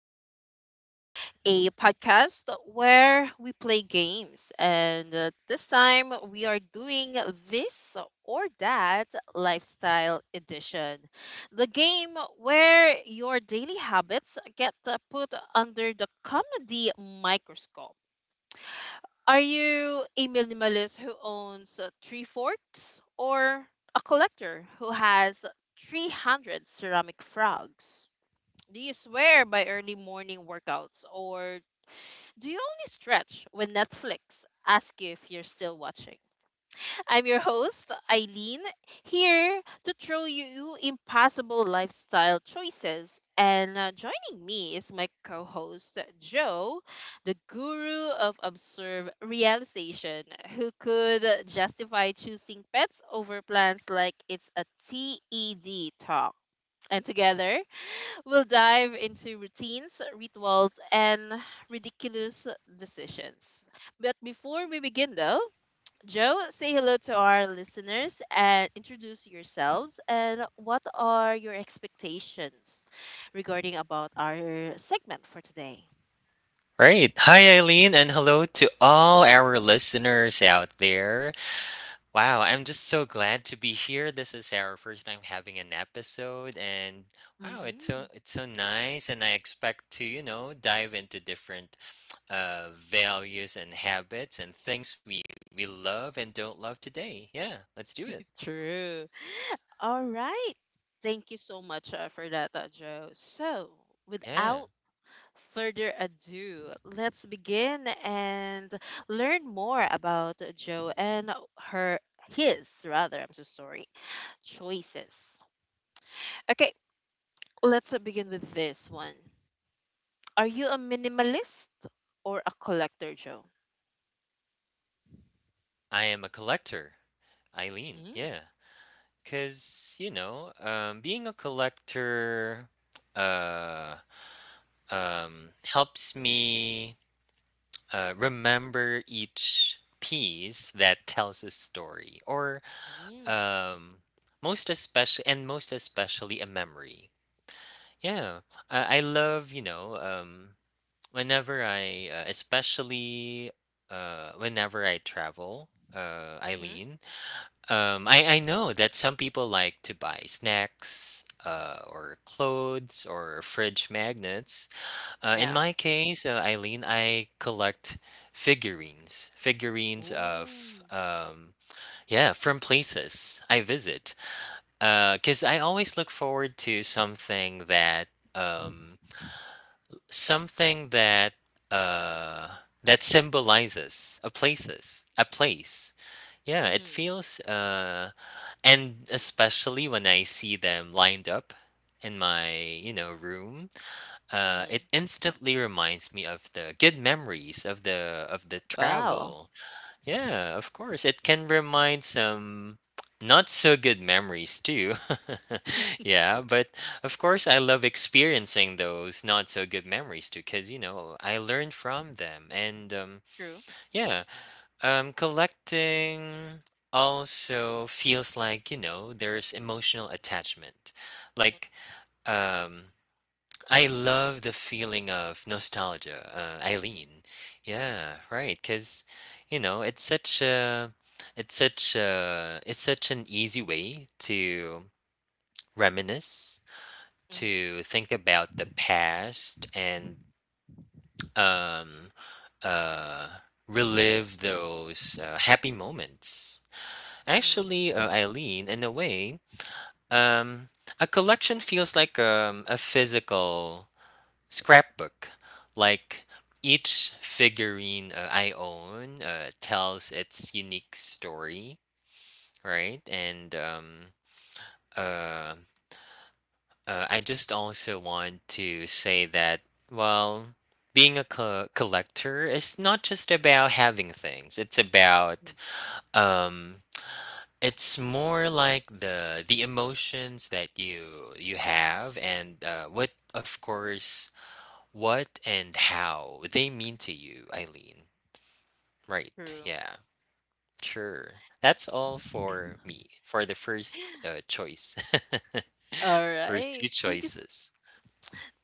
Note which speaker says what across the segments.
Speaker 1: Icebreaker, a podcast where we play games. And this time we are doing this or that lifestyle edition. The game where your daily habits get put under the comedy microscope. Are you a minimalist who owns three forks or a collector who has 300 ceramic frogs? Do you swear by early morning workouts or do you only stretch when Netflix asks you if you're still watching? I'm your host, Eileen, here to throw you impossible lifestyle choices. And joining me is my co host, Joe, the guru of absurd realization, who could justify choosing pets over plants like it's a TED talk. And together, we'll dive into routines, rituals, and ridiculous decisions. But before we begin, though, Joe, say hello to our listeners and introduce yourselves and what are your expectations regarding about our segment for today.
Speaker 2: Right. Hi, Eileen, and hello to all our listeners out there. Wow, I'm just so glad to be here. This is our first time having an episode, and wow, it's so
Speaker 1: Hmm.
Speaker 2: it's so nice. And I expect to, you know, dive into different values and habits and things we love and don't love today. Yeah, let's do it.
Speaker 1: True. All right. Thank you so much for that, Joe. So,
Speaker 2: Yeah,
Speaker 1: without further ado, let's begin and learn more about Joe and her his rather, I'm so sorry, choices. Okay, let's begin with this one. Are you a minimalist or a collector, Joe?
Speaker 2: I am a collector, Eileen.
Speaker 1: Mm.
Speaker 2: Yeah, cause you know, being a collector Uh, helps me remember each piece that tells a story or
Speaker 1: Mm.
Speaker 2: um, most especially a memory, yeah. I love, you know, whenever I especially whenever I travel,
Speaker 1: Mm-hmm.
Speaker 2: eileen, I know that some people like to buy snacks, or clothes or fridge magnets. In
Speaker 1: Yeah.
Speaker 2: my case, Eileen, I collect figurines, figurines of
Speaker 1: Ooh.
Speaker 2: yeah, from places I visit. Because I always look forward to um, something uh, that symbolizes a place. Yeah, it
Speaker 1: Mm-hmm.
Speaker 2: feels And especially when I see them lined up in my, you know, room,
Speaker 1: Mm.
Speaker 2: it instantly reminds me of the good memories of the
Speaker 1: Wow.
Speaker 2: travel. Yeah, of course, it can remind some not so good memories too. Yeah, but of course, I love experiencing those not so good memories too, because you know I learned from them, and
Speaker 1: True.
Speaker 2: yeah, collecting also feels like, you know, there's emotional attachment, like um I love the feeling of nostalgia, Eileen. Yeah, right. Because you know, it's such an easy way to reminisce,
Speaker 1: Mm-hmm.
Speaker 2: to think about the past, and um, uh, relive those happy moments.
Speaker 1: Mm.
Speaker 2: Actually, Eileen, in a way, um, a collection feels like, a physical scrapbook. Like each figurine I own tells its unique story, right? And uh, I just also want to say that, well, being a collector is not just about having things. It's about
Speaker 1: Mm.
Speaker 2: um, it's more like the emotions that you have and, what, of course, what and how they mean to you, Eileen. Right.
Speaker 1: True.
Speaker 2: Yeah. Sure. That's all for me for the first choice.
Speaker 1: All
Speaker 2: First two
Speaker 1: right. Thank you.
Speaker 2: choices.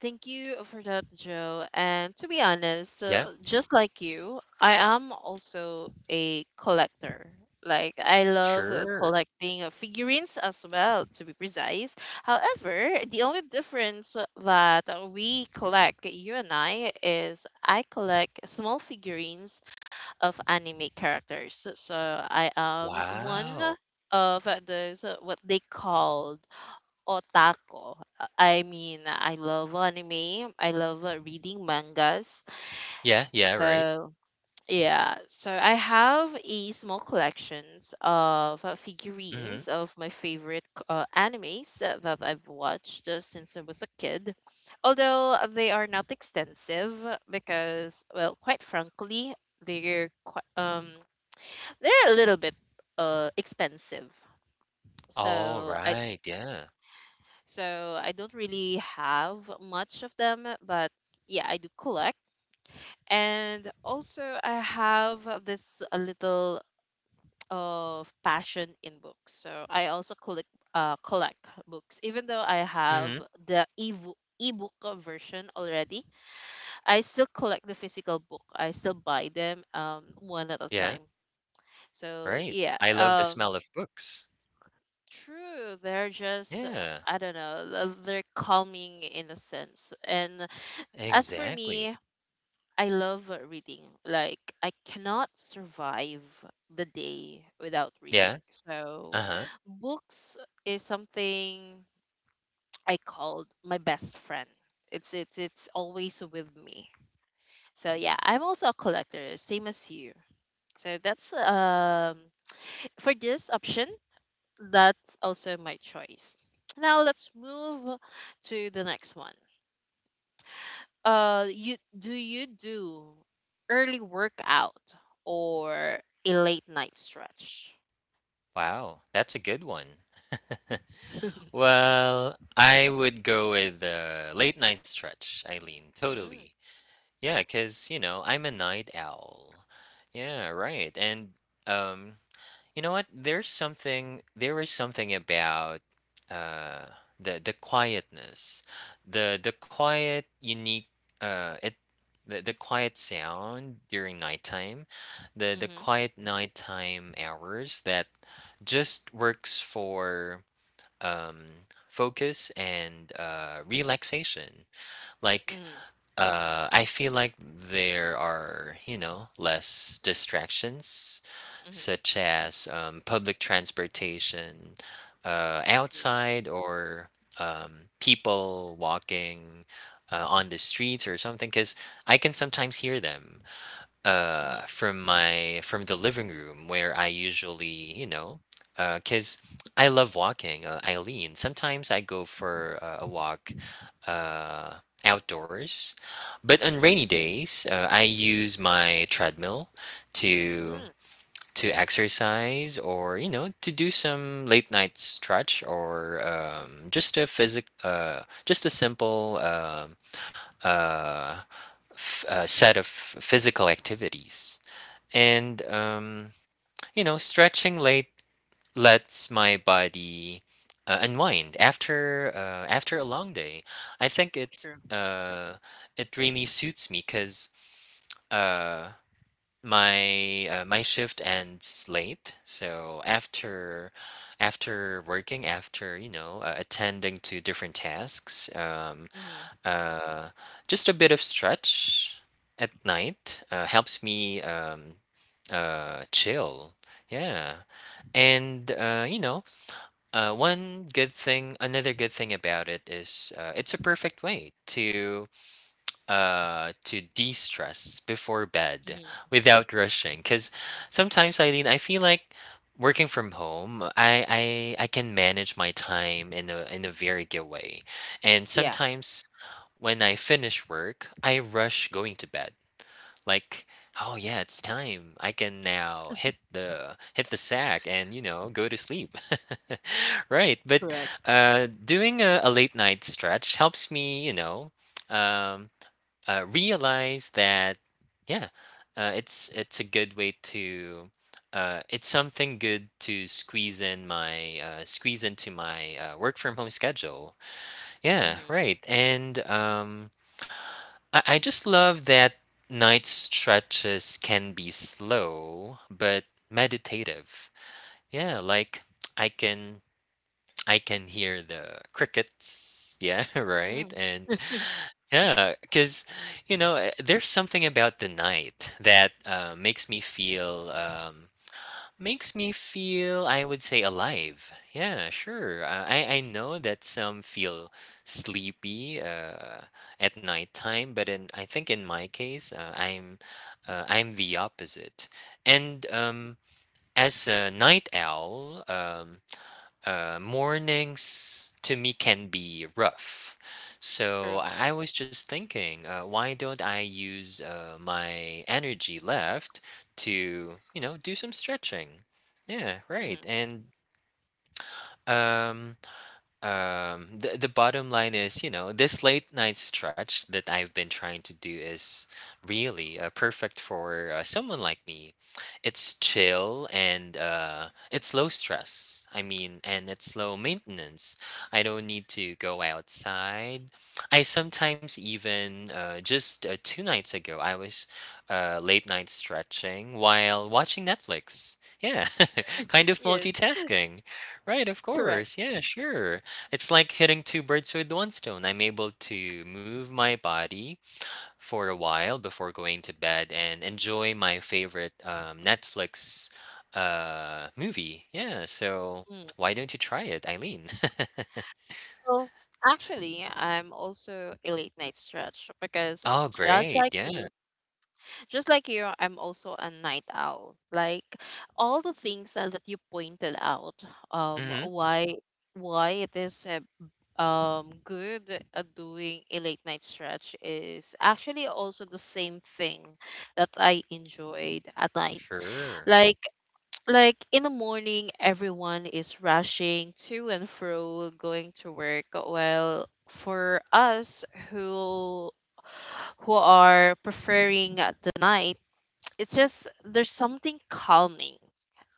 Speaker 1: Thank you for that, Joe. And to be honest,
Speaker 2: Yeah.
Speaker 1: just like you, I am also a collector. Like, I love
Speaker 2: Sure.
Speaker 1: collecting figurines as well, to be precise. However, the only difference that we collect, you and I, is I collect small figurines of anime characters. So I am one
Speaker 2: Wow.
Speaker 1: of those what they called otaku. I mean, I love anime. I love reading mangas.
Speaker 2: Yeah. Yeah. Right.
Speaker 1: So, yeah. So, I have a small collections of
Speaker 2: Mm-hmm.
Speaker 1: figurines of my favorite animes that I've watched since I was a kid. Although they are not extensive because, well, quite frankly, they're quite, they're a little bit expensive.
Speaker 2: All
Speaker 1: So I.
Speaker 2: right. Yeah.
Speaker 1: So I don't really have much of them, but yeah, I do collect. And also, I have this a little of passion in books. So I also collect uh, collect books, even though I
Speaker 2: Mm-hmm.
Speaker 1: have the ebook version already. I still collect the physical book. I still buy them one at a
Speaker 2: Yeah.
Speaker 1: time. So
Speaker 2: Right.
Speaker 1: yeah,
Speaker 2: I love the smell of books.
Speaker 1: true. They're just
Speaker 2: Yeah.
Speaker 1: I don't know. They're calming in a sense, and as for
Speaker 2: Exactly.
Speaker 1: me, I love reading. Like I cannot survive the day without reading.
Speaker 2: Yeah. Uh
Speaker 1: So
Speaker 2: huh.
Speaker 1: books is something I called my best friend. It's always with me. So yeah, I'm also a collector, same as you. So that's for this option, that's also my choice. Now let's move to the next one. You do early workout or a late night stretch?
Speaker 2: Wow. That's a good one.
Speaker 1: Mm.
Speaker 2: Well, I would go with the late night stretch, Eileen. Totally. Yeah, 'cause, you know, I'm a night owl. Yeah, right. And um, you know what? There is something about uh the quietness. The the quiet unique uh it the quiet sound during nighttime, the
Speaker 1: Hmm.
Speaker 2: quiet nighttime hours that just works for, um, focus and, relaxation. Like,
Speaker 1: Hmm.
Speaker 2: I feel like there are, you know, less distractions,
Speaker 1: Hmm.
Speaker 2: such as, public transportation,
Speaker 1: True.
Speaker 2: outside, or, um, people walking, on the streets or something, because I can sometimes hear them
Speaker 1: Hmm.
Speaker 2: from my from the living room where I usually, you know, cause I love walking, Eileen. Sometimes I go for, a walk uh outdoors. But on rainy
Speaker 1: Hmm.
Speaker 2: days, I use my treadmill to
Speaker 1: Mm.
Speaker 2: to exercise or, you know, to do some late night stretch or just a simple uh, set of physical activities, and you know, stretching late lets my body, unwind after, after a long day. I think it
Speaker 1: True.
Speaker 2: It really suits me because, uh, my shift ends late, so after, after working, after, you know, attending to different tasks,
Speaker 1: Hmm.
Speaker 2: uh, just a bit of stretch at night, helps me chill. Yeah. And, you know, another good thing about it is, it's a perfect way to de-stress before bed
Speaker 1: Hmm.
Speaker 2: without rushing, because sometimes, eileen, I feel like working from home I can manage my time in a very good way. And
Speaker 1: Yeah.
Speaker 2: sometimes when I finish work, I rush going to bed, like, oh yeah, it's time, I can now hit the sack and, you know, go to sleep. Right. But
Speaker 1: Correct.
Speaker 2: doing a late night stretch helps me, you know, um realize that, yeah, it's a good way to, it's something good to squeeze into my, work from home schedule, yeah,
Speaker 1: Mm-hmm.
Speaker 2: right. And I just love that night stretches can be slow but meditative, yeah, like i can I can hear the crickets, yeah. Right.
Speaker 1: Mm.
Speaker 2: And yeah, because you know, eh, there's something about the night that, uh, makes me feel, I would say, alive. Yeah, sure. I know that some feel sleepy, at nighttime, but in, I think in my case, uh, I'm the opposite. And,
Speaker 1: Mm.
Speaker 2: as a night owl, mornings to me can be rough. So
Speaker 1: True.
Speaker 2: I was just thinking, why don't I use, my energy left to, you know, do some stretching? Yeah, right.
Speaker 1: Hmm.
Speaker 2: And um, um the, the bottom line is, you know, this late night stretch that I've been trying to do is really, perfect for, someone like me. It's chill, and it's low stress, I mean, and it's low maintenance. I don't need to go outside. I sometimes even, just two nights ago, I was late night stretching while watching netflix, yeah. Kind of
Speaker 1: Yes.
Speaker 2: multitasking. Right, of
Speaker 1: Correct.
Speaker 2: course. Yeah, sure. It's like hitting two birds with one stone. I'm able to move my body for a while before going to bed and enjoy my favorite, Netflix, movie. Yeah, so
Speaker 1: Mm.
Speaker 2: why don't you try it, Eileen?
Speaker 1: Well, actually, I'm also a late night stretch because
Speaker 2: Oh,
Speaker 1: just
Speaker 2: great.
Speaker 1: like
Speaker 2: Yeah.
Speaker 1: you just like you, I'm also a night owl. Like all the things that you pointed out, um,
Speaker 2: Hmm.
Speaker 1: why why it is good at doing a late night stretch is actually also the same thing that I enjoyed at night.
Speaker 2: Sure.
Speaker 1: Like like in the morning, everyone is rushing to and fro, going to work. Well, for us who who are preferring the night, it's just there's something calming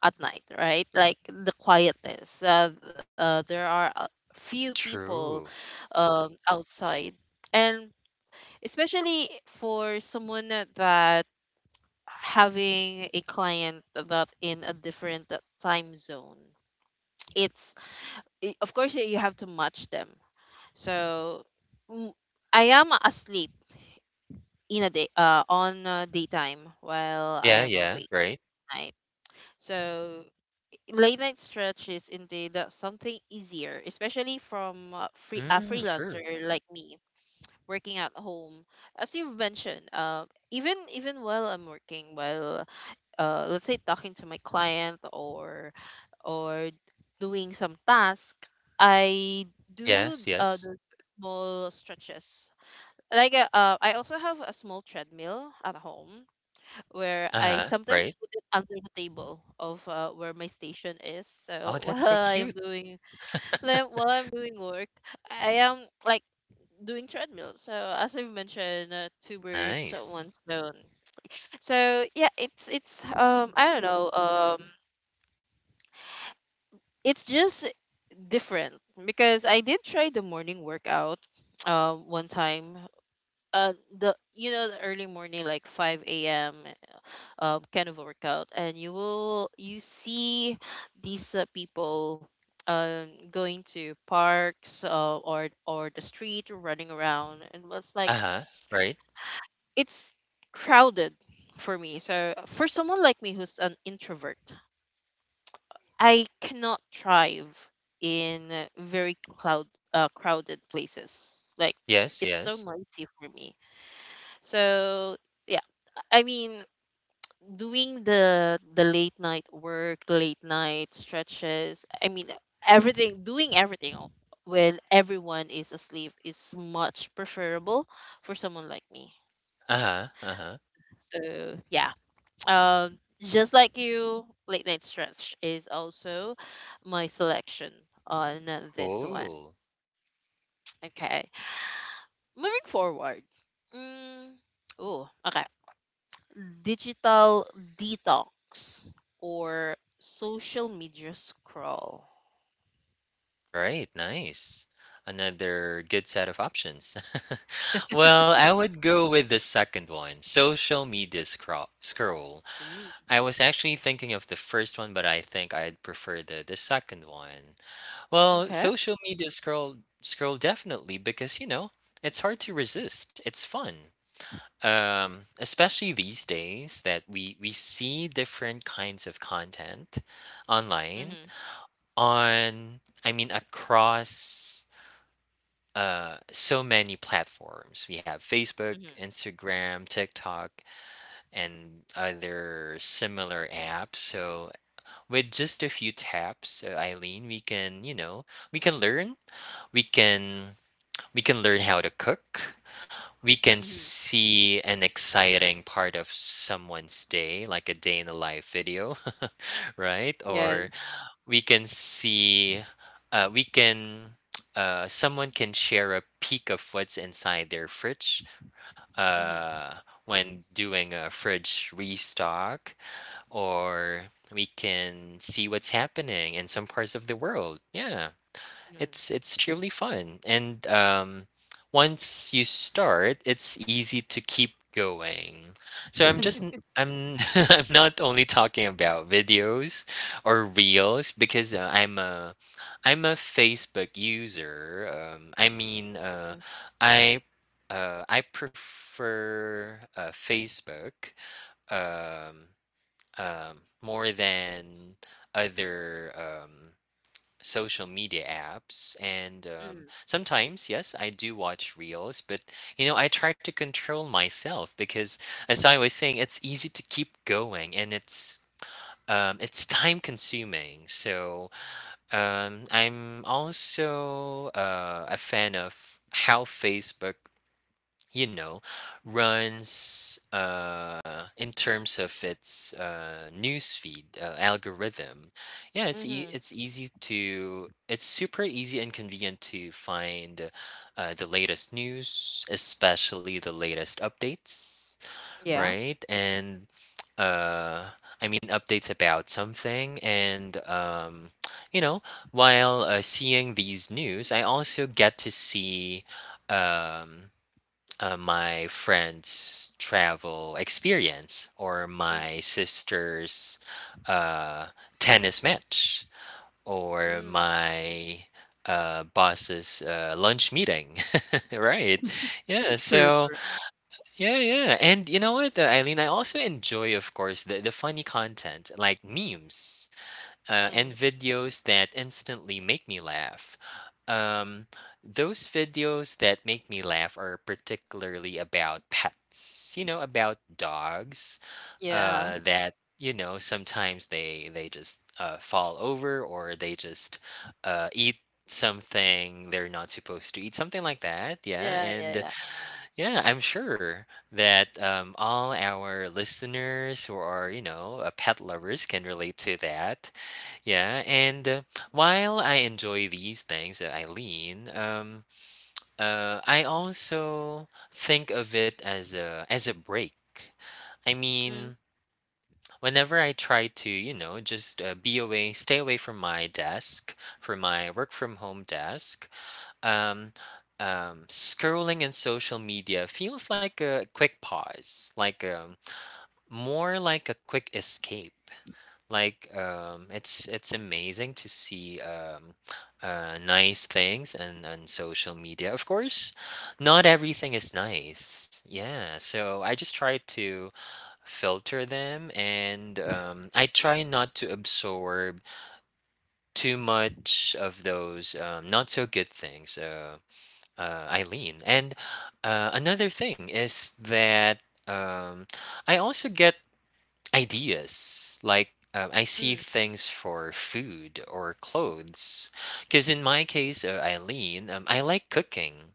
Speaker 1: at night, right? Like the quietness. There are a few people
Speaker 2: True.
Speaker 1: outside, and especially for someone that having a client that in a different time zone, it's of course you have to match them. So mm, I am asleep in a day on daytime while I
Speaker 2: Yeah,
Speaker 1: am
Speaker 2: yeah,
Speaker 1: awake
Speaker 2: right.
Speaker 1: at night. So late night stretch is indeed something easier, especially from
Speaker 2: Mm,
Speaker 1: freelancer
Speaker 2: sure.
Speaker 1: like me working at home. As you've mentioned, even while I'm working, while let's say talking to my client or doing some task, I do
Speaker 2: Yes, yes.
Speaker 1: the small stretches. Like I also have a small treadmill at home where I
Speaker 2: Uh-huh,
Speaker 1: sometimes
Speaker 2: right.
Speaker 1: put it under the table of where my station is. So
Speaker 2: Oh, that's so cute.
Speaker 1: while I'm doing work, I am like doing treadmill. So as I've mentioned, two birds, one
Speaker 2: Nice.
Speaker 1: stone. So yeah, it's I don't know it's just different because I did try the morning workout one time. Uh, the you know the early morning like 5 a.m., kind of workout, and you see these people going to parks or the street running around, and was like
Speaker 2: Uh-huh, right.
Speaker 1: it's crowded for me. So for someone like me who's an introvert, I cannot thrive in very cloud crowded places. Like,
Speaker 2: Yes,
Speaker 1: it's so
Speaker 2: yes.
Speaker 1: noisy for me. So yeah, I mean, doing the late night stretches, I mean everything, doing everything when everyone is asleep is much preferable for someone like me.
Speaker 2: Uh-huh, uh-huh.
Speaker 1: So yeah, just like you, late night stretch is also my selection on this one.
Speaker 2: Cool.
Speaker 1: Okay, moving forward. Mm, oh, okay. Digital detox or social media scroll?
Speaker 2: Right. Nice. Another good set of options. Well, I would go with the second one, social media scroll. Scroll.
Speaker 1: Mm,
Speaker 2: I was actually thinking of the first one, but I think I'd prefer the second one. Well,
Speaker 1: okay.
Speaker 2: social media scroll definitely because you know it's hard to resist. It's fun. Especially these days that we see different kinds of content online
Speaker 1: Mhm.
Speaker 2: on I mean across so many platforms. We have facebook,
Speaker 1: Mhm.
Speaker 2: instagram, tiktok and other similar apps. So with just a few taps, eileen, we can, you know, we can learn we can we can learn how to cook. We can
Speaker 1: Mhm.
Speaker 2: see an exciting part of someone's day, like a day in the life video. Right.
Speaker 1: Yes.
Speaker 2: Or we can see uh, we can someone can share a peek of what's inside their fridge,
Speaker 1: Mhm.
Speaker 2: uh, when doing a fridge restock, or we can see what's happening in some parts of the world, yeah.
Speaker 1: Mhm.
Speaker 2: It's truly fun, and, once you start, it's easy to keep going. So I'm I'm not only talking about videos or reels because, I'm a Facebook user. I mean, I I prefer, Facebook um, more than other, um, social media apps. And,
Speaker 1: Mhm.
Speaker 2: sometimes, yes, I do watch reels, but you know I try to control myself because, as I was saying, it's easy to keep going, and it's time consuming. So, I'm also, a fan of how facebook, you know, runs, in terms of its, newsfeed, algorithm. Yeah,
Speaker 1: Mhm. Mhm.
Speaker 2: it's easy to, it's super easy and convenient to find, the latest news, especially the latest updates,
Speaker 1: Yeah.
Speaker 2: right? And uh, I mean, updates about something, and you know, while, seeing these news, I also get to see, Um, my friend's travel experience or my
Speaker 1: Mm.
Speaker 2: sister's, uh, tennis match, or
Speaker 1: Mm.
Speaker 2: my, boss's, lunch meeting. Right. Yeah.
Speaker 1: True.
Speaker 2: So,
Speaker 1: True.
Speaker 2: yeah, yeah. And you know what, Eileen, I also enjoy, of course, the funny content like memes, and
Speaker 1: Mm.
Speaker 2: videos that instantly make me laugh. Um, those videos that make me laugh are particularly about pets, you know, about dogs,
Speaker 1: Yeah.
Speaker 2: that, you know, sometimes they just, fall over or they just, eat something they're not supposed to eat, something like that. Yeah.
Speaker 1: Yeah. Yeah.
Speaker 2: And
Speaker 1: Yeah.
Speaker 2: yeah, I'm sure that, all our listeners who are, you know, pet lovers can relate to that. Yeah, and, while I enjoy these things, Eileen, I also think of it as a break. I
Speaker 1: Mm.
Speaker 2: mean, whenever I try to, you know, just, be away, stay away from my desk, from my work from home desk, um, scrolling in social media feels like a quick pause, like, more like a quick escape. It's amazing to see nice things and on social media. Of course, not everything is nice. Yeah, so I just try to filter them, and I try not to absorb too much of those not so good things. Eileen. And another thing is that um, I also get ideas. Like, I see
Speaker 1: Mm.
Speaker 2: things for food or clothes. Because in my case, Eileen, I like cooking.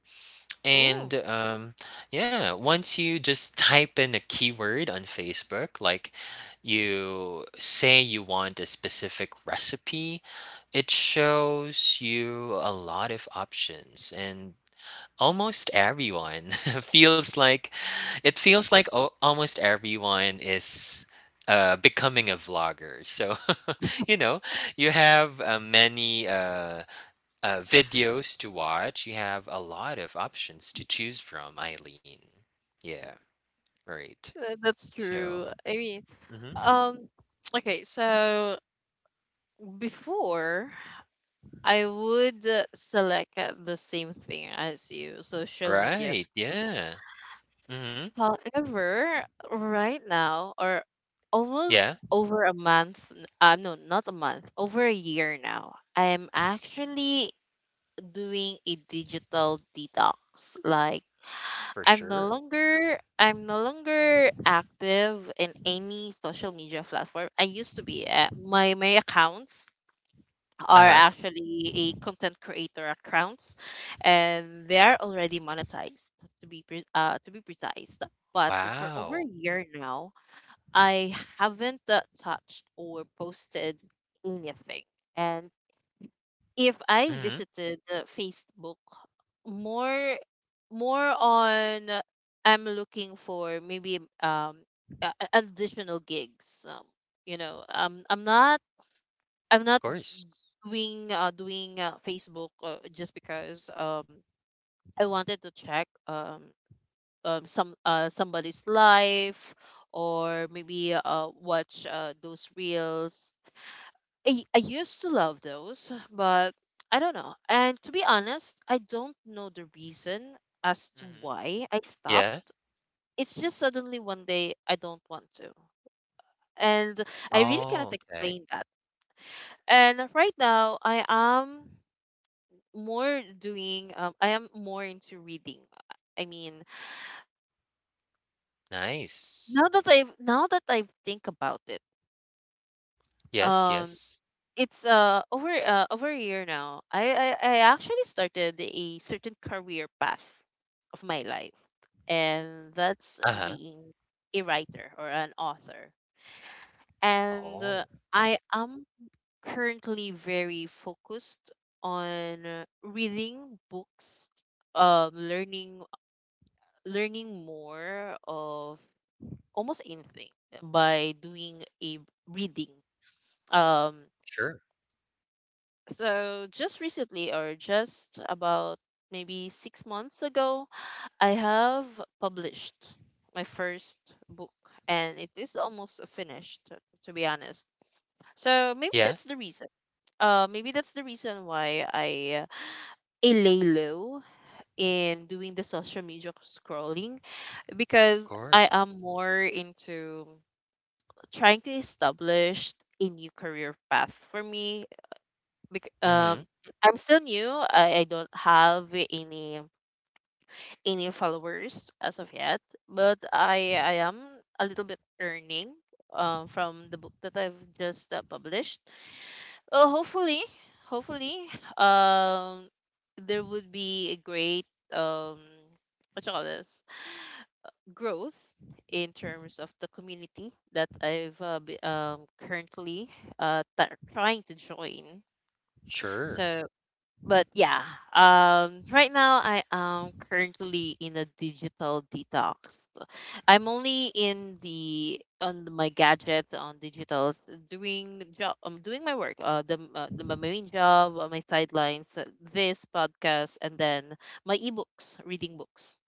Speaker 1: Oh,
Speaker 2: And yeah, once you just type in a keyword on Facebook, like you say you want a specific recipe, it shows you a lot of options. And almost everyone feels like it feels like al- almost everyone is becoming a vlogger. So, you know, you have many videos to watch. You have a lot of options to choose from, Eileen. Yeah, right.
Speaker 1: that's true.
Speaker 2: So,
Speaker 1: I mean,
Speaker 2: mhm.
Speaker 1: um, okay. So before, I would select the same thing as you, social media.
Speaker 2: Right. Yeah. Hmm.
Speaker 1: However, right now, or almost
Speaker 2: Yeah,
Speaker 1: over a month, no, not a month, over a year now, I'm actually doing a digital detox. Like,
Speaker 2: for sure.
Speaker 1: I'm no longer active in any social media platform. I used to be. My accounts
Speaker 2: Uh
Speaker 1: are
Speaker 2: huh.
Speaker 1: actually a content creator accounts, and they are already monetized to be precise, but for over
Speaker 2: Wow.
Speaker 1: a year now I haven't touched or posted anything. And if I
Speaker 2: Hmm.
Speaker 1: visited Facebook, more more on I'm looking for maybe additional gigs. You know um i'm not i'm
Speaker 2: Of
Speaker 1: not
Speaker 2: course.
Speaker 1: doing Facebook just because I wanted to check some somebody's life or maybe watch those reels. I used to love those, but I don't know. And to be honest, I don't know the reason as to
Speaker 2: Hmm.
Speaker 1: why I stopped.
Speaker 2: Yeah.
Speaker 1: It's just suddenly one day I don't want to. And I really cannot
Speaker 2: Oh, okay.
Speaker 1: explain that. And right now I am more into reading. I mean,
Speaker 2: Nice.
Speaker 1: now that I think about it,
Speaker 2: Yes,
Speaker 1: um
Speaker 2: yes.
Speaker 1: it's over a year now. I actually started a certain career path of my life, and that's
Speaker 2: Uh-huh.
Speaker 1: being a writer or an author. And
Speaker 2: Oh,
Speaker 1: I am currently very focused on reading books, um learning learning more of almost anything by doing a reading. Um,
Speaker 2: sure.
Speaker 1: so just recently, or just about maybe 6 months ago, I have published my first book, and it is almost finished, to be honest. So maybe
Speaker 2: Yeah,
Speaker 1: that's the reason. Maybe that's the reason why I lay low in doing the social media scrolling,
Speaker 2: of
Speaker 1: because
Speaker 2: course.
Speaker 1: I am more into trying to establish a new career path for me. Bec-
Speaker 2: Mm-hmm.
Speaker 1: Um, I'm still new. I don't have any followers as of yet, but I am a little bit earning from the book that I've just published. Hopefully, hopefully, um, there would be a great um what you call this growth in terms of the community that currently uh, t- trying to join.
Speaker 2: Sure.
Speaker 1: So, but yeah, right now I am currently in a digital detox. I'm only in the my gadget on digitals doing job. I'm doing my work. The my main job, my sidelines, this podcast, and then my ebooks, reading books.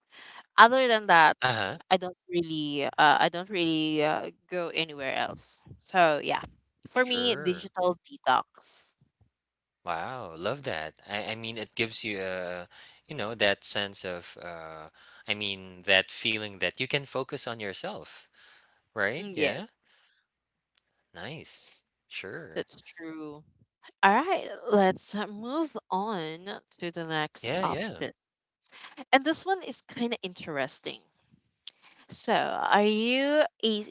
Speaker 1: Other than that,
Speaker 2: Uh-huh.
Speaker 1: I don't really, uh, I don't really go anywhere else. So yeah, for me,
Speaker 2: Sure.
Speaker 1: digital detox.
Speaker 2: Wow, love that. I mean, it gives you a, that sense of, I mean, that feeling that you can focus on yourself, right?
Speaker 1: Yes,
Speaker 2: Yeah. Nice. Sure.
Speaker 1: that's true. All right, let's move on to the next
Speaker 2: Yeah, yeah.
Speaker 1: option. And this one is kind of interesting. So, are you a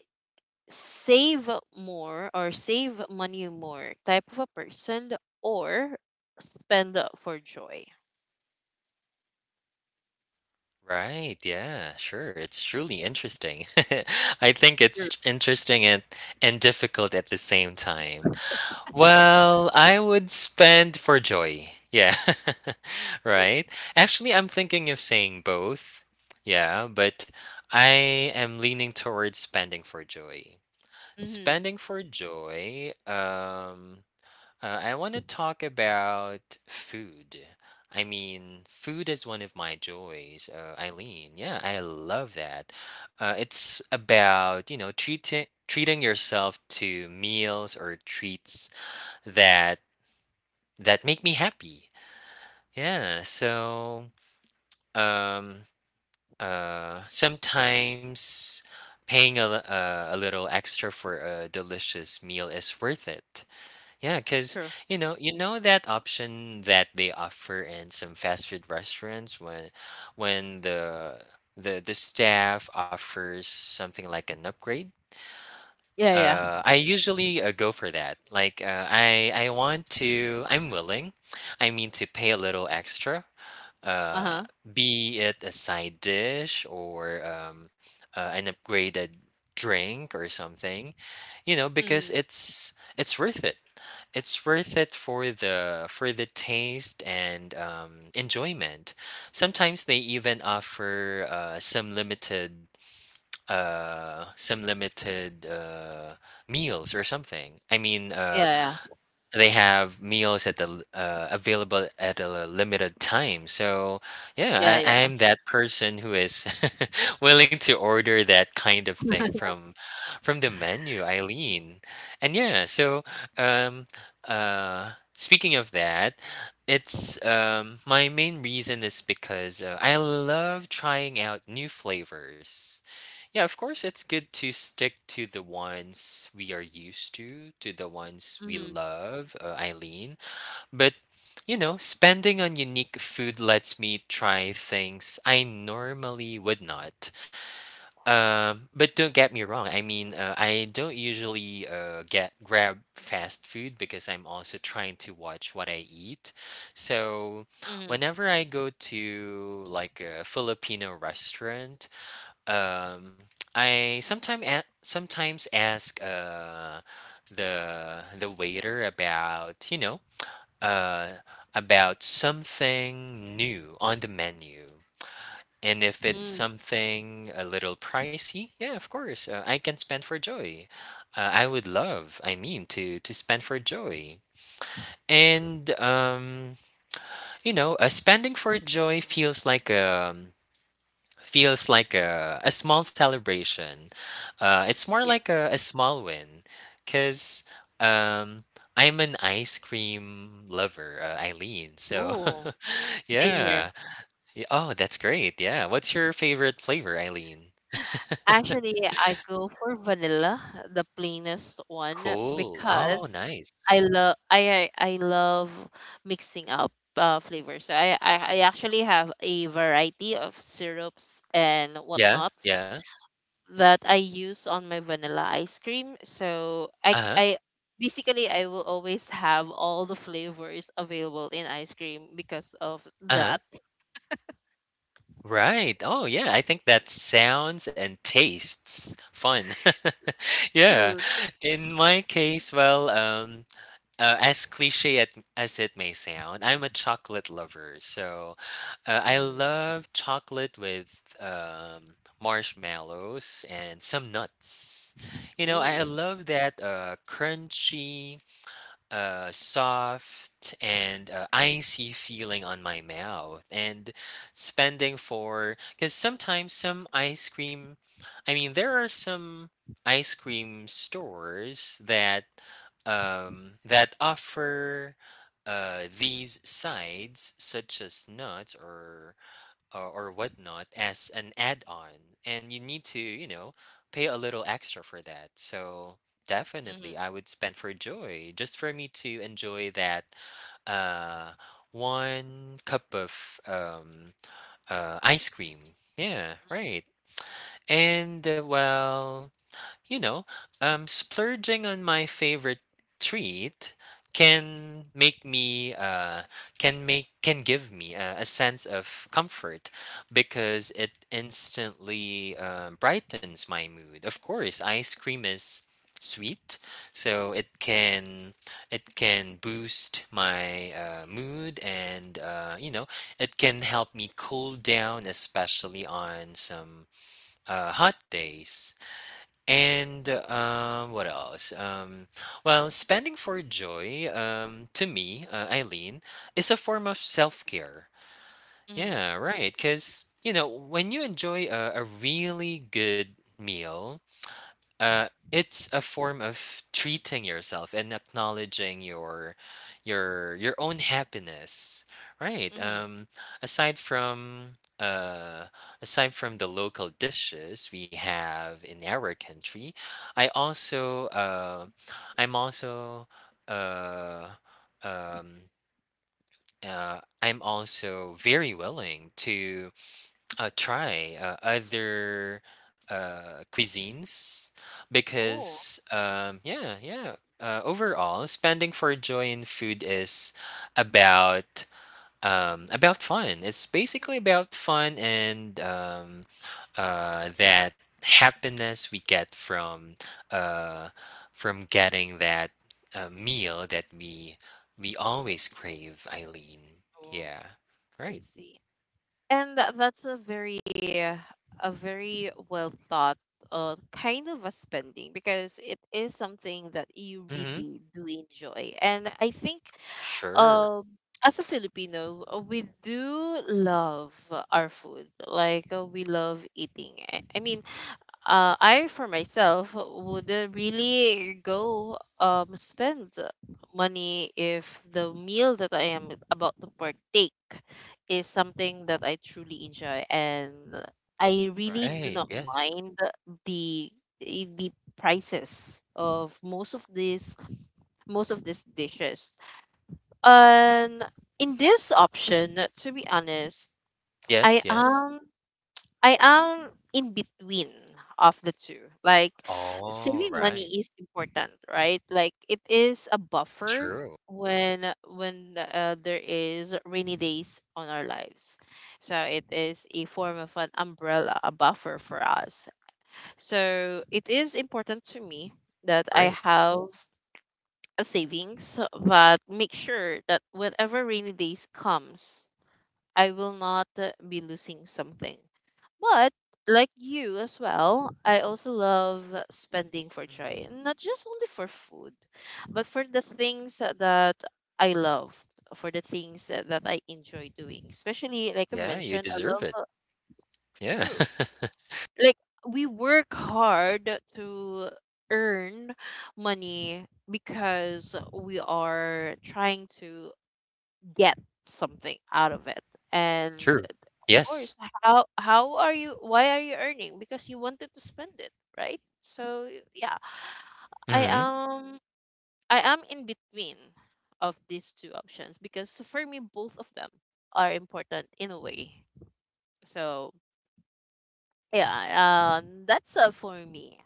Speaker 1: save more or save money more type of a person, or spend for joy?
Speaker 2: Right. Yeah, sure. It's truly interesting. I think
Speaker 1: True.
Speaker 2: it's interesting and difficult at the same time. Well, I would spend for joy. Yeah. Right? Actually, I'm thinking of saying both. Yeah, but I am leaning towards spending for joy.
Speaker 1: Mm-hmm.
Speaker 2: Spending for joy, I want to talk about food. I mean, food is one of my joys, Eileen. Yeah, I love that. It's about, you know, treating yourself to meals or treats that that make me happy. Yeah, so um sometimes paying a little extra for a delicious meal is worth it. Yeah, cuz
Speaker 1: True.
Speaker 2: you know that option that they offer in some fast food restaurants when the staff offers something like an upgrade.
Speaker 1: Yeah, yeah.
Speaker 2: I usually go for that. Like, I want to. I'm willing. I mean, to pay a little extra.
Speaker 1: Uh-huh.
Speaker 2: Be it a side dish or an upgraded drink or something, you know, because
Speaker 1: Mm.
Speaker 2: it's worth it. It's worth it for the taste and enjoyment. Sometimes they even offer some limited meals or something. I mean,
Speaker 1: Yeah,
Speaker 2: they have meals available at a limited time, so
Speaker 1: yeah,
Speaker 2: yeah,
Speaker 1: yeah,
Speaker 2: I
Speaker 1: yeah.
Speaker 2: am that person who is willing to order that kind of thing from the menu, Eileen. And yeah, so um speaking of that, it's my main reason is because I love trying out new flavors. Yeah, of course, it's good to stick to the ones we are used to the ones we
Speaker 1: Mhm.
Speaker 2: love, Eileen. But, you know, spending on unique food lets me try things I normally would not. But don't get me wrong. I mean, I don't usually get grab fast food because I'm also trying to watch what I eat. So,
Speaker 1: Mhm.
Speaker 2: whenever I go to like a Filipino restaurant, um, I sometimes sometimes ask the waiter about, you know, uh about something new on the menu. And if it's
Speaker 1: Mm.
Speaker 2: something a little pricey, yeah, of course, I can spend for joy. I would love, I mean, to spend for joy. And you know, spending for joy feels like a small celebration. It's more
Speaker 1: Yeah.
Speaker 2: like a small win because um, I'm an ice cream lover, Eileen. So,
Speaker 1: Ooh, same here.
Speaker 2: yeah. Oh, that's great. Yeah. What's your favorite flavor, Eileen?
Speaker 1: Actually, I go for vanilla, the plainest one,
Speaker 2: Cool. Oh,
Speaker 1: because
Speaker 2: nice.
Speaker 1: I love mixing up flavors. So I actually have a variety of syrups and
Speaker 2: Yeah.
Speaker 1: whatnot
Speaker 2: Yeah.
Speaker 1: that I use on my vanilla ice cream. So
Speaker 2: Uh huh.
Speaker 1: basically I will always have all the flavors available in ice cream because of
Speaker 2: Uh huh.
Speaker 1: that
Speaker 2: Right. Oh, yeah. I think that sounds and tastes fun. Yeah.
Speaker 1: truth.
Speaker 2: In my case, well, as cliche as it may sound, I'm a chocolate lover. So I
Speaker 1: Mm.
Speaker 2: love chocolate with marshmallows and some nuts. You know, I
Speaker 1: Ooh.
Speaker 2: love that crunchy, a soft and icy feeling on my mouth. And spending for, because sometimes some ice cream, I mean, there are some ice cream stores that that offer these sides such as nuts or whatnot as an add-on, and you need to, you know, pay a little extra for that. So
Speaker 1: Mhm.
Speaker 2: definitely I would spend for joy just for me to enjoy that uh one cup of ice cream. Yeah, right. And, well, you know, splurging on my favorite treat can make me can make can give me a sense of comfort because it instantly brightens my mood. Of course, ice cream is sweet, so it can boost my mood. And you know, it can help me cool down, especially on some hot days. And what else? Well, spending for joy, to me, Eileen, is a form of self care.
Speaker 1: Mhm.
Speaker 2: Yeah, right. Because, you know, when you enjoy a really good meal, uh, it's a form of treating yourself and acknowledging your own happiness, right?
Speaker 1: Mhm.
Speaker 2: Aside from uh, Aside from the local dishes we have in our country, I also uh, I'm also uh, um, I'm also very willing to try other cuisines
Speaker 1: Ooh.
Speaker 2: because overall, spending for joy in food is about about fun. It's basically about fun. And that happiness we get uh, from getting that meal that we always crave, Eileen.
Speaker 1: Ooh.
Speaker 2: Yeah,
Speaker 1: I
Speaker 2: right.
Speaker 1: see. And that's a very well thought kind of a spending, because it is something that you
Speaker 2: Mm-hmm.
Speaker 1: really do enjoy. And I think
Speaker 2: Sure.
Speaker 1: um as a Filipino, we do love our food. Like we love eating. I mean, I for myself would really go spend money if the meal that I am about to partake is something that I truly enjoy, and I really do
Speaker 2: Right,
Speaker 1: not
Speaker 2: yes.
Speaker 1: mind the the prices of most of these dishes. And in this option, to be honest,
Speaker 2: Yes,
Speaker 1: I
Speaker 2: yes.
Speaker 1: am I am in between of the two. Like,
Speaker 2: All
Speaker 1: saving money
Speaker 2: right.
Speaker 1: is important, right? Like it is a buffer
Speaker 2: True.
Speaker 1: when there is rainy days on our lives. So it is a form of an umbrella, a buffer for us. So it is important to me that I
Speaker 2: Great.
Speaker 1: have a savings, but make sure that whenever rainy days comes, I will not be losing something. But like you as well, I also love spending for
Speaker 2: Mhm.
Speaker 1: joy, and not just only for food, but for the things that I love, for the things that I enjoy doing. Especially like I
Speaker 2: Yeah, you
Speaker 1: mentioned, I
Speaker 2: deserve
Speaker 1: love
Speaker 2: it. Yeah.
Speaker 1: true. Like we work hard to earn money because we are trying to get something out of it, and
Speaker 2: True.
Speaker 1: of
Speaker 2: Yes.
Speaker 1: course, how are you, why are you earning? Because you wanted to spend it, right? So, yeah, i
Speaker 2: Mhm.
Speaker 1: am I am in between of these two options because for me both of them are important in a way. So, yeah, that's for me.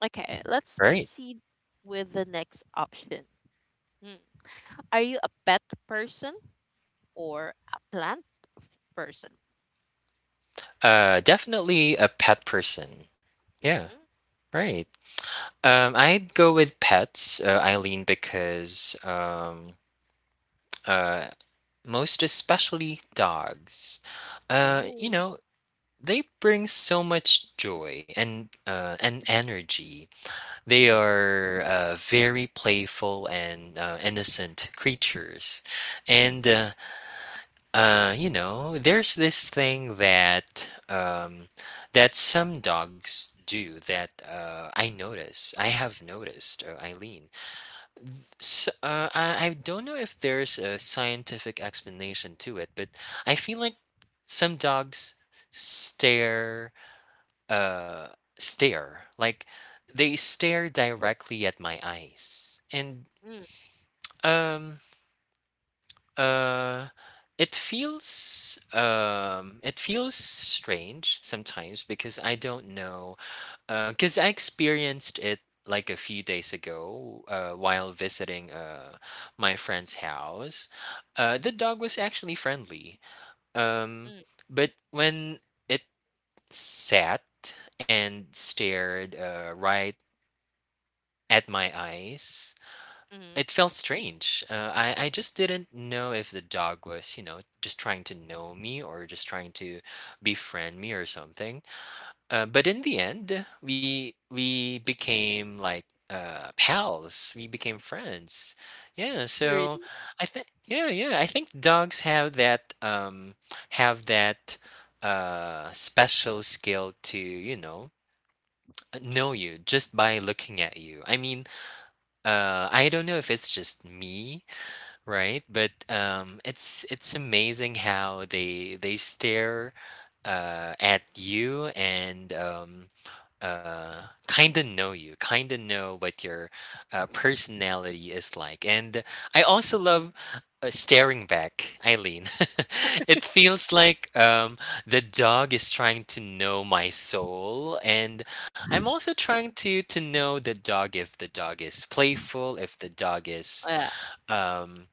Speaker 1: Okay, let's
Speaker 2: Right.
Speaker 1: proceed with the next option. Hmm. Are you a pet person or a plant person?
Speaker 2: Definitely a pet person. Yeah,
Speaker 1: Mm.
Speaker 2: right. I'd go with pets, Eileen, because uh, most especially dogs, you
Speaker 1: Ooh.
Speaker 2: know, they bring so much joy and energy. They
Speaker 1: Mm-hmm.
Speaker 2: are very playful and innocent creatures.
Speaker 1: Mm.
Speaker 2: And, you know, there's this thing that some dogs do that I notice. I have noticed, Eileen. Th- s I don't know if there's a scientific explanation to it, but I feel like some dogs stare uh stare like they stare directly at my eyes. And
Speaker 1: Mm,
Speaker 2: um uh it feels strange sometimes because I don't know, because I experienced it like a few days ago, while visiting my friend's house. The dog was actually friendly, um,
Speaker 1: mm,
Speaker 2: but when it sat and stared right at my eyes.
Speaker 1: mm.
Speaker 2: It felt strange. I just didn't know if the dog was, you know, just trying to know me or just trying to befriend me or something. But in the end, we became like, pals. We became friends. Yeah.
Speaker 1: You really?
Speaker 2: So I think, yeah, yeah, I think dogs have that special skill to, you know, know you just by looking at you. I mean, I don't know if it's just me, right? But it's amazing how they stare at you, and uh, kind of know you, kind of know what your personality is like. And I also
Speaker 1: Mm.
Speaker 2: love staring back, Eileen. It feels like, the dog is trying to know my soul. And I'm also trying to know the dog, if the dog is playful, if the dog is
Speaker 1: Yeah.
Speaker 2: um,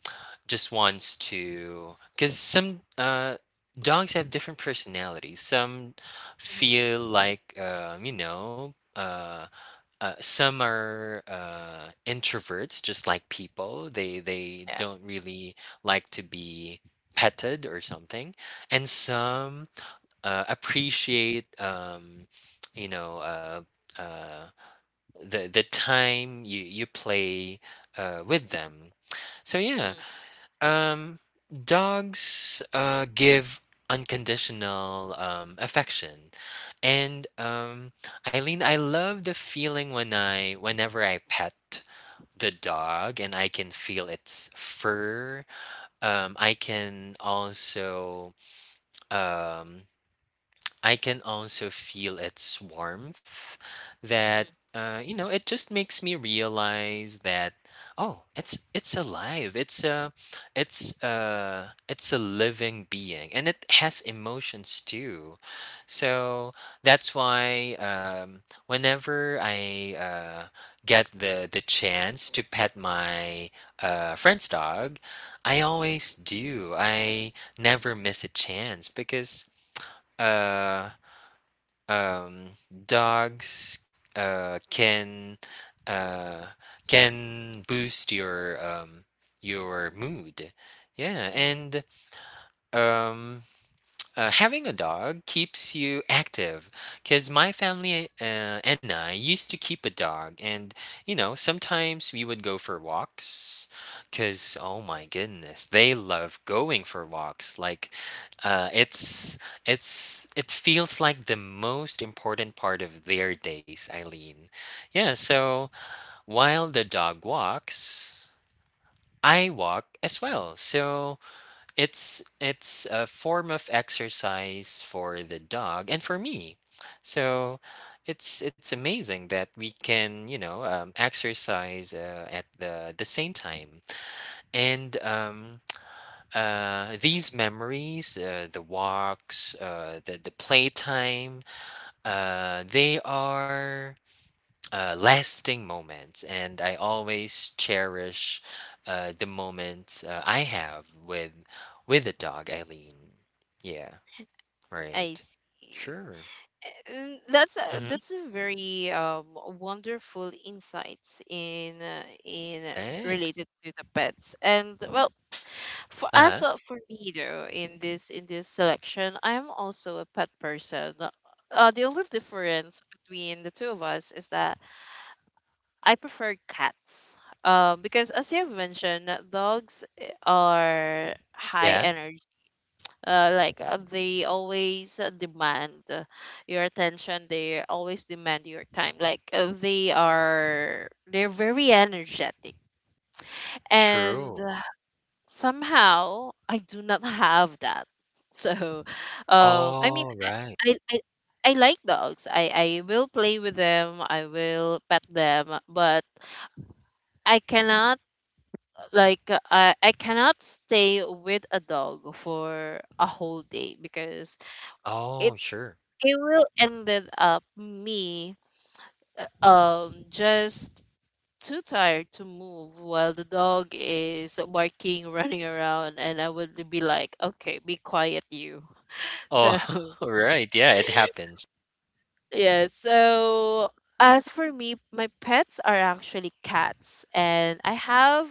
Speaker 2: just wants to, because some dogs have different personalities. Some
Speaker 1: Mm-hmm.
Speaker 2: feel like, you know. Some are introverts, just like people. They
Speaker 1: Yeah.
Speaker 2: don't really like to be petted or something, and some appreciate, you know, uh, the time you play with them. So yeah,
Speaker 1: Mm-hmm.
Speaker 2: um, dogs give unconditional, affection, and Eileen, I love the feeling whenever I pet the dog and I can feel its fur. Um, I can also um, I can also feel its warmth, that,
Speaker 1: Mm-hmm.
Speaker 2: you know, it just makes me realize that, oh, it's alive. It's a, it's a living being, and it has emotions too. So that's why, whenever I get the chance to pet my, friend's dog, I always do. I never miss a chance because uh um, dogs uh, can uh, can boost your mood. Yeah.
Speaker 1: Mm-hmm.
Speaker 2: And um, having a dog keeps you active because my family, and I used to keep a dog. And, you know, sometimes we would go for walks because, oh my goodness, they love going for walks. Like, uh, it's it feels like the most important part of their days, Eileen. Yeah, so while the dog walks, I walk as well. So it's a form of exercise for the dog and for me. So it's amazing that we can, exercise at the same time. And these memories, the walks, the playtime, they are lasting moments, and I always cherish the moments I have with the dog, Eileen. Yeah,
Speaker 1: I
Speaker 2: right.
Speaker 1: see.
Speaker 2: Sure.
Speaker 1: Mm,
Speaker 2: Mm-hmm.
Speaker 1: that's a very wonderful insights in
Speaker 2: Thanks.
Speaker 1: related to the pets. And well, for
Speaker 2: Uh
Speaker 1: us
Speaker 2: huh.
Speaker 1: for me though, in this selection, I'm also a pet person. The only difference between the two of us is that I prefer cats, because as you have mentioned, dogs are high
Speaker 2: Yeah.
Speaker 1: energy. Like they always demand your attention. They always demand your time. Like they're very energetic and
Speaker 2: True.
Speaker 1: somehow I do not have that. So I mean,
Speaker 2: All right.
Speaker 1: i, I I like dogs. I will play with them. I will pet them, but I cannot, I cannot stay with a dog for a whole day because
Speaker 2: Oh,
Speaker 1: it
Speaker 2: sure.
Speaker 1: it will ended up me just too tired to move while the dog is barking running around, and I would be like, okay, be quiet you. So.
Speaker 2: Oh, right. Yeah, it happens.
Speaker 1: Yeah, so as for me, my pets are actually cats, and I have,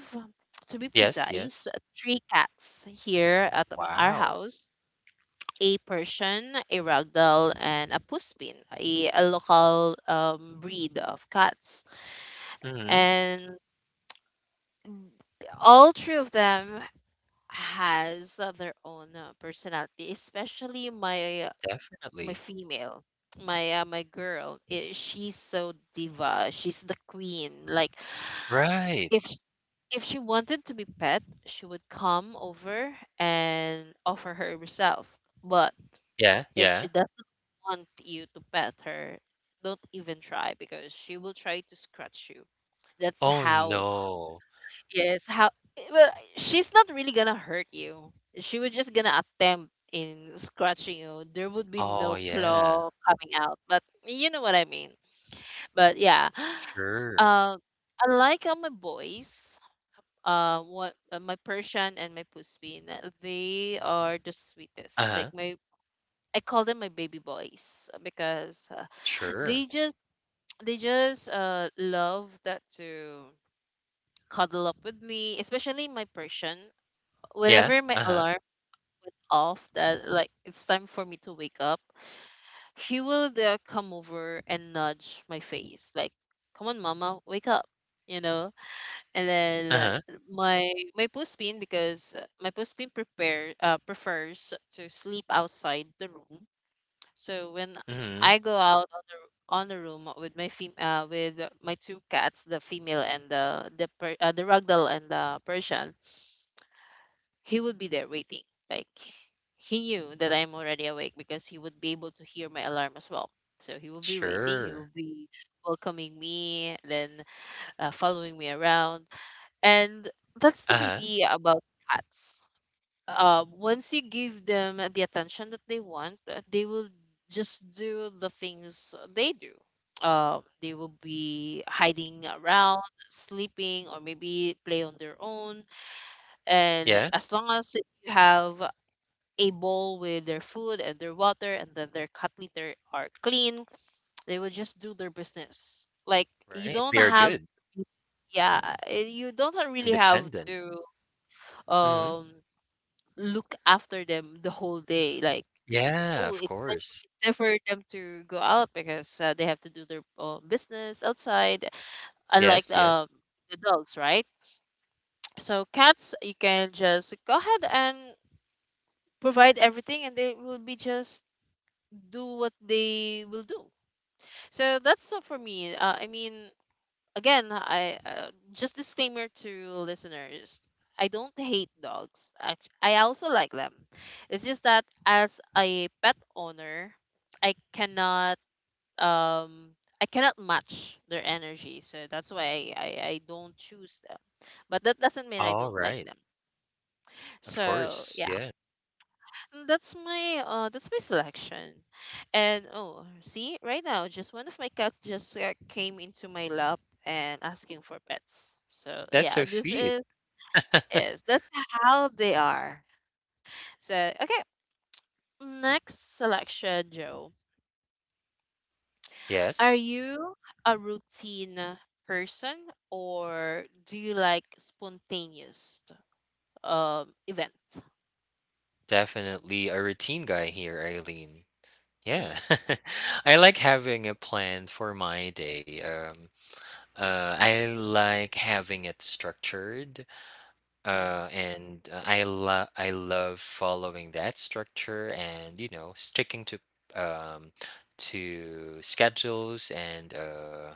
Speaker 1: to be
Speaker 2: Yes.
Speaker 1: precise,
Speaker 2: Yes.
Speaker 1: three cats here at our
Speaker 2: Wow.
Speaker 1: house: a Persian, a Ragdoll, and a Puspin, a local breed of cats.
Speaker 2: Mm-hmm.
Speaker 1: And all three of them has their own personality, especially my
Speaker 2: Definitely.
Speaker 1: female, my girl. I She's so diva. She's the queen. Like
Speaker 2: Right.
Speaker 1: if sh- if she wanted to be pet, she would come over and offer her herself. But
Speaker 2: Yeah.
Speaker 1: if
Speaker 2: Yeah.
Speaker 1: she doesn't want you to pet her, don't even try, because she will try to scratch you. That's
Speaker 2: Oh
Speaker 1: how,
Speaker 2: no.
Speaker 1: yes, how, well, she's not really gonna hurt you. She was just gonna attempt in scratching you. There would be
Speaker 2: Oh
Speaker 1: no
Speaker 2: yeah.
Speaker 1: claw coming out, but you know what I mean. But yeah,
Speaker 2: Sure.
Speaker 1: uh, unlike my boys, what my Persian and my Puspin, they are the sweetest.
Speaker 2: Uh
Speaker 1: Like
Speaker 2: huh.
Speaker 1: my I call them my baby boys, because they
Speaker 2: Sure.
Speaker 1: just they just love that to cuddle up with me, especially my Persian.
Speaker 2: Yeah.
Speaker 1: Whenever my
Speaker 2: Uh-huh.
Speaker 1: alarm went off, that like it's time for me to wake up, she will come over and nudge my face like, "Come on, Mama, wake up." You know, and then
Speaker 2: Uh-huh.
Speaker 1: my puspin, because my puspin prepare prefers to sleep outside the room. So when
Speaker 2: Mhm.
Speaker 1: I go out on the room with my two cats, the female and the ragdoll and the Persian, he would be there waiting. Like, he knew that I'm already awake because he would be able to hear my alarm as well. So he will be waiting. He will
Speaker 2: Sure.
Speaker 1: be welcoming me, then following me around, and that's the
Speaker 2: Uh-huh.
Speaker 1: beauty about cats. Once you give them the attention that they want, they will just do the things they do. They will be hiding around, sleeping, or maybe play on their own. And
Speaker 2: Yeah.
Speaker 1: as long as you have a bowl with their food and their water, and then their cut litter are clean, they will just do their business. Like, you
Speaker 2: Right. They
Speaker 1: don't
Speaker 2: are
Speaker 1: have,
Speaker 2: good.
Speaker 1: yeah, you don't ha- really have
Speaker 2: Independent.
Speaker 1: to
Speaker 2: Mhm.
Speaker 1: um look after them the whole day. Like,
Speaker 2: Yeah,
Speaker 1: oh,
Speaker 2: of course.
Speaker 1: it's time for them to go out because they have to do their business outside, unlike
Speaker 2: Yes, yes.
Speaker 1: the dogs, right? So cats, you can just go ahead and provide everything, and they will be just do what they will do. So that's all for me. I mean, again, I just disclaimer to listeners. I don't hate dogs. I also like them. It's just that as a pet owner, I cannot um I cannot match their energy. So that's why I don't choose them. But that doesn't mean I
Speaker 2: All
Speaker 1: don't like
Speaker 2: right.
Speaker 1: them.
Speaker 2: Of
Speaker 1: So
Speaker 2: course.
Speaker 1: yeah.
Speaker 2: Yeah.
Speaker 1: Mm, that's my selection. And oh, see, right now just one of my cats just came into my lap and asking for pets. So,
Speaker 2: That's
Speaker 1: yeah,
Speaker 2: so
Speaker 1: this
Speaker 2: sweet.
Speaker 1: is that's how they are. So, okay, next selection, Joe. Are
Speaker 2: Yes.
Speaker 1: you a routine person, or do you like spontaneous event?
Speaker 2: Definitely a routine guy here, Eileen.
Speaker 1: Mm,
Speaker 2: Yeah. I like having a plan for my day. I like having it structured.
Speaker 1: mhm,
Speaker 2: And I love following that structure, and, you know, sticking um, to schedules, and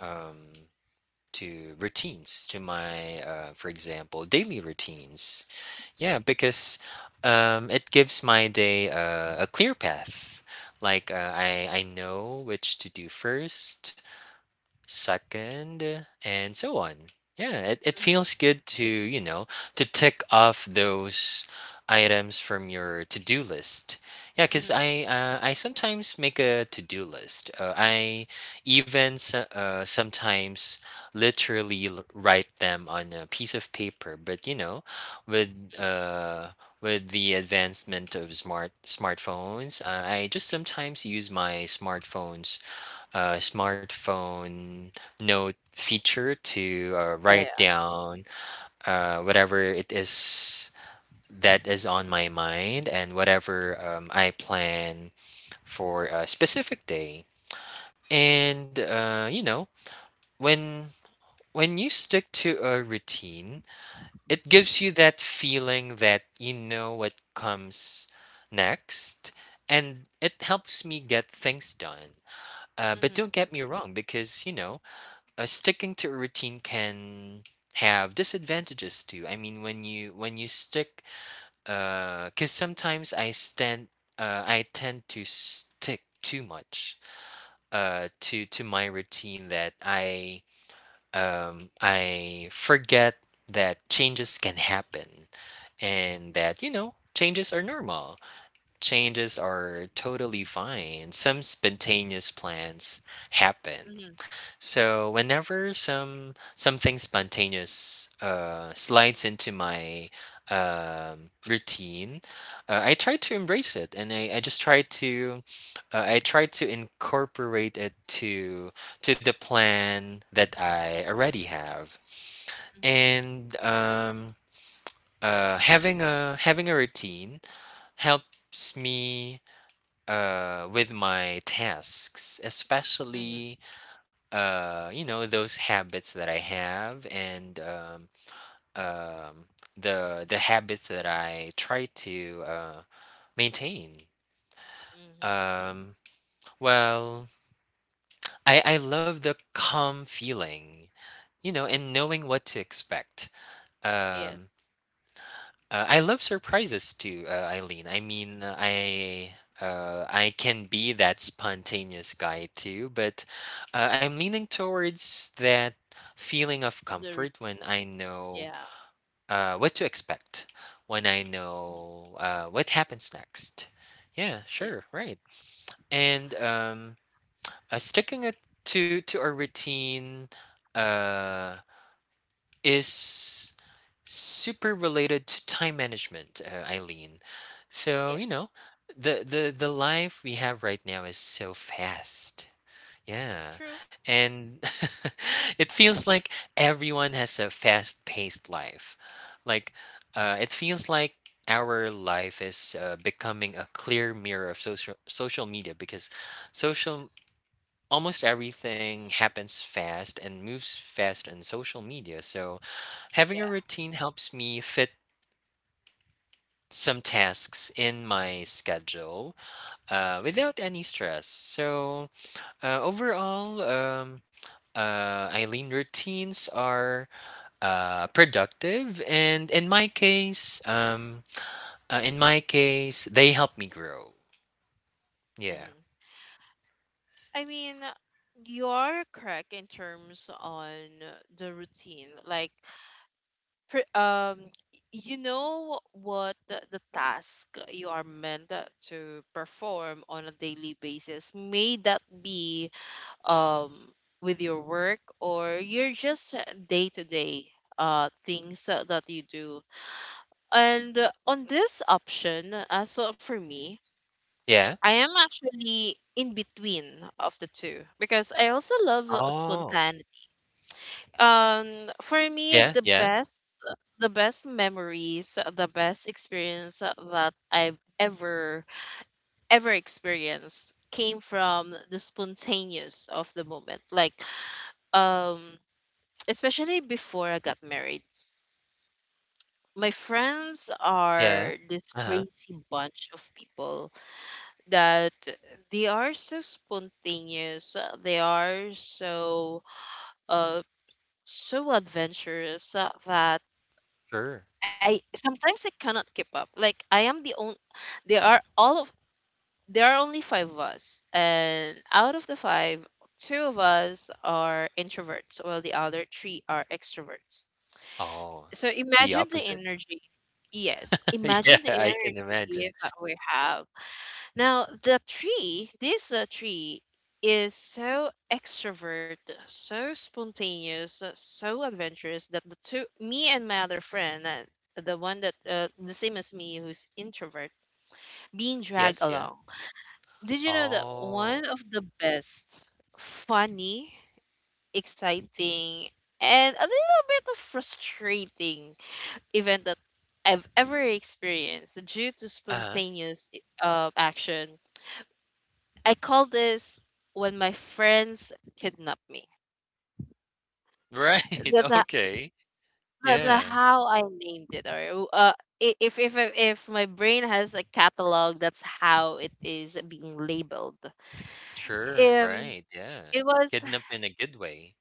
Speaker 2: um, to routines, to my, for example, daily routines. Yeah, because it gives my day a clear path. Like I know which to do first, second, and so on. Yeah, it
Speaker 1: mhm,
Speaker 2: feels good to, you know, to tick off those items from your to-do list. Yeah, because
Speaker 1: mhm,
Speaker 2: I sometimes make a to-do list. I even sometimes literally write them on a piece of paper. But, you know, with
Speaker 1: mm.
Speaker 2: uh, with the advancement of smartphones, I just sometimes use my smartphone note feature to
Speaker 1: Yeah,
Speaker 2: write
Speaker 1: yeah.
Speaker 2: down whatever it is that is on my mind, and whatever I plan for a specific day. And you know, when when you stick to a routine, it gives you that feeling that you know what comes next, and it helps me get things done. But
Speaker 1: Mhm,
Speaker 2: don't get me wrong, because, you know, sticking to a routine can have disadvantages too. I mean, when you stick, cause sometimes I stand, I tend to stick too much, to my routine, that I forget that changes can happen, and that, you know, changes are normal, changes are totally fine, some spontaneous plans happen.
Speaker 1: mhm,
Speaker 2: So whenever something spontaneous slides into my routine, I try to embrace it, and I just try to I try to incorporate it to the plan that I already have,
Speaker 1: mhm,
Speaker 2: and having a routine helps me with my tasks,
Speaker 1: mhm,
Speaker 2: especially you know, those habits that I have, and um the habits that I try to maintain.
Speaker 1: mhm.
Speaker 2: um well I love the calm feeling, you know, and knowing what to expect.
Speaker 1: Yes.
Speaker 2: um I love surprises too, Eileen. I mean, I can be that spontaneous guy too, but I'm leaning towards that feeling of
Speaker 1: There is,
Speaker 2: comfort when I know
Speaker 1: yeah.
Speaker 2: what to expect, when I
Speaker 1: Mhm.
Speaker 2: know what happens next. Yeah, sure,
Speaker 1: Yes.
Speaker 2: right. And sticking it to a routine uh, is super related to time management, Eileen. So, you
Speaker 1: Yes.
Speaker 2: know, the the life we have right now is so fast. Yeah.
Speaker 1: True.
Speaker 2: And it feels like everyone has a fast-paced life. Like it feels like our life is becoming a clear mirror of social media, because social almost everything happens fast and moves fast in social media. So,
Speaker 1: Yeah.
Speaker 2: having a routine helps me fit some tasks in my schedule
Speaker 1: Mm-hmm.
Speaker 2: without any stress. So, overall, Eileen, routines are productive, and in my case, they help me grow. Yeah.
Speaker 1: Mm-hmm. I mean, you're correct in terms on the routine. Like, per, um, you know what the task you are meant to perform on a daily basis. May that be um with your work, or you're just day to day things that you do. And on this option, as so for me,
Speaker 2: Yeah.
Speaker 1: I am actually in between of the two because I also love
Speaker 2: Oh.
Speaker 1: spontaneity. Um, for me,
Speaker 2: Yeah. Yeah.
Speaker 1: the best memories, the best experience that I've ever, ever experienced came from the spontaneous of the moment. Like, um, especially before I got married, my friends
Speaker 2: Yeah.
Speaker 1: are this
Speaker 2: Uh huh.
Speaker 1: crazy bunch of people that they are so spontaneous, they are so uh so adventurous that
Speaker 2: Sure.
Speaker 1: I sometimes I cannot keep up. Like, I am the only there are all of there are only five of us, and out of the five, two of us are introverts while the other three are extroverts,
Speaker 2: Oh,
Speaker 1: so
Speaker 2: the
Speaker 1: imagine the
Speaker 2: opposite.
Speaker 1: energy. Yes,
Speaker 2: Yeah,
Speaker 1: imagine the
Speaker 2: I can imagine.
Speaker 1: energy that we have. Now, the tree is so extrovert, so spontaneous, so adventurous, that the two, me and my other friend, the one that, the same as me, who's introvert, being dragged
Speaker 2: Yes, yeah.
Speaker 1: along. Did you know that one
Speaker 2: Oh,
Speaker 1: of the best, funny, exciting, and a little bit of frustrating event that I've ever experienced due to
Speaker 2: uh-huh.
Speaker 1: spontaneous action, I call this when my friends kidnap me.
Speaker 2: Right,
Speaker 1: That's a,
Speaker 2: okay.
Speaker 1: that's a
Speaker 2: Yeah.
Speaker 1: how I named it. Or if my brain has a catalog, that's how it is being labeled.
Speaker 2: Sure,
Speaker 1: Um,
Speaker 2: right, yeah.
Speaker 1: it was.
Speaker 2: Kidnap in a good way.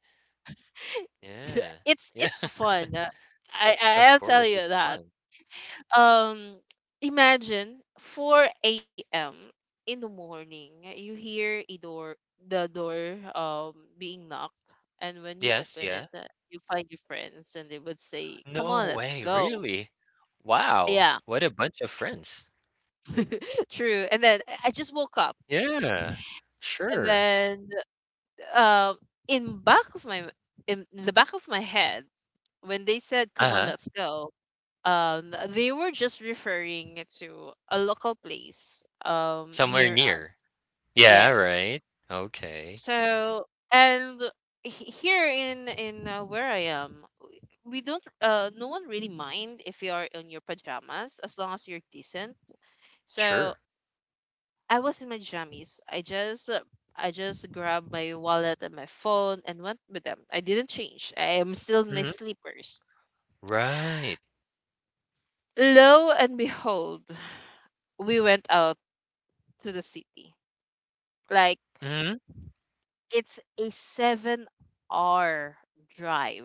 Speaker 2: Yeah.
Speaker 1: it's
Speaker 2: Yeah,
Speaker 1: it's fun.
Speaker 2: of
Speaker 1: I'll tell
Speaker 2: course,
Speaker 1: you
Speaker 2: it's
Speaker 1: that,
Speaker 2: fun.
Speaker 1: um imagine 4 a.m. in the morning, you hear a door, the door being knocked, and when you
Speaker 2: Yes,
Speaker 1: open it,
Speaker 2: yeah.
Speaker 1: you find your friends and they would say, come on,
Speaker 2: No
Speaker 1: let's
Speaker 2: way,
Speaker 1: go.
Speaker 2: really? Wow,
Speaker 1: Yeah.
Speaker 2: what a bunch of friends.
Speaker 1: True. And then I just woke up,
Speaker 2: Yeah,
Speaker 1: and
Speaker 2: sure.
Speaker 1: then, um in back of my in the back of my head, when they said come on
Speaker 2: Uh-huh.
Speaker 1: let's go, they were just referring to a local place
Speaker 2: Somewhere
Speaker 1: near.
Speaker 2: near. Yeah,
Speaker 1: Yes.
Speaker 2: right. Okay.
Speaker 1: So, and here in where I am, w- we don't no one really mind if you are in your pajamas as long as you're decent. So
Speaker 2: Sure.
Speaker 1: I was in my jammies. I just grabbed my wallet and my phone and went with them. I didn't change. I am still in my
Speaker 2: Mhm.
Speaker 1: sleepers.
Speaker 2: Right.
Speaker 1: Lo and behold, we went out to the city. Like,
Speaker 2: Mhm.
Speaker 1: it's a 7-hour drive.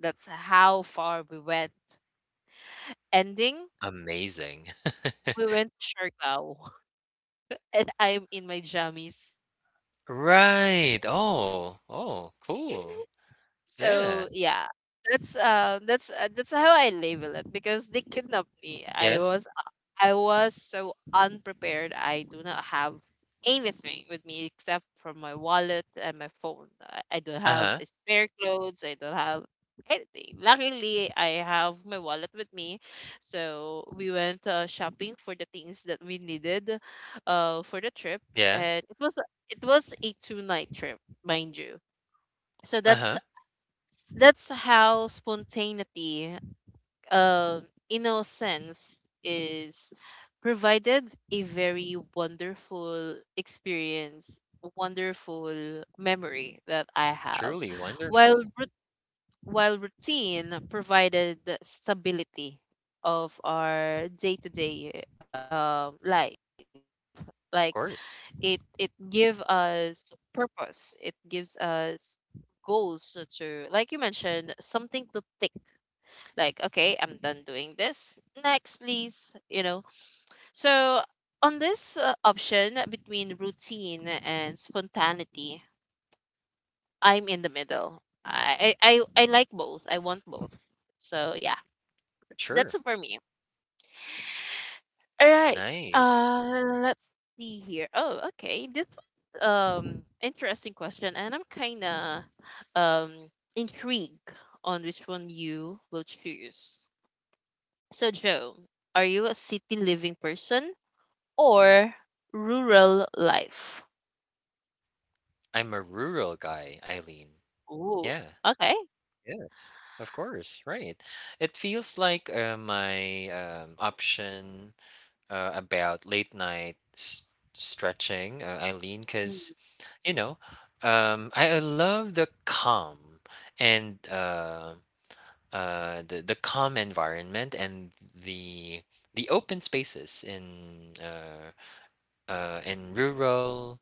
Speaker 1: That's how far we went. Ending,
Speaker 2: Amazing.
Speaker 1: we went to Siargao, and I'm in my jammies.
Speaker 2: Right. Oh, oh, cool. Yeah.
Speaker 1: So yeah, that's how I label it because they kidnapped me. I
Speaker 2: Yes.
Speaker 1: was I was so unprepared. I do not have anything with me except for my wallet and my phone. I don't have
Speaker 2: Uh-huh.
Speaker 1: a spare clothes. I don't have anything. Luckily, I have my wallet with me. So we went shopping for the things that we needed for the trip,
Speaker 2: Yeah.
Speaker 1: and it was a two night trip, mind you. So that's
Speaker 2: Uh-huh.
Speaker 1: that's how spontaneity, um, innocence is provided a very wonderful experience, wonderful memory that I have.
Speaker 2: Truly
Speaker 1: While
Speaker 2: wonderful.
Speaker 1: while routine provided the stability of our day-to-day life, like it
Speaker 2: Of
Speaker 1: it
Speaker 2: course.
Speaker 1: give us purpose. It gives us goals to, like you mentioned, something to tick, like, okay, I'm done doing this, next please, so on this option between routine and spontaneity, I'm in the middle. I like both, I want both. So yeah, that's
Speaker 2: Sure.
Speaker 1: it for me. All right,
Speaker 2: Nice.
Speaker 1: let's see here. Oh okay, this was, interesting question, and I'm kind of um intrigued on which one you will choose. So, Joe, are you a city living person or rural life?
Speaker 2: I'm a rural guy, Eileen.
Speaker 1: Ooh,
Speaker 2: Yeah.
Speaker 1: okay.
Speaker 2: Yes. Of course. Right. It feels like my option about late night s stretching, Eileen,
Speaker 1: Mm,
Speaker 2: because, you know, I love the calm and the calm environment, and the open spaces uh, in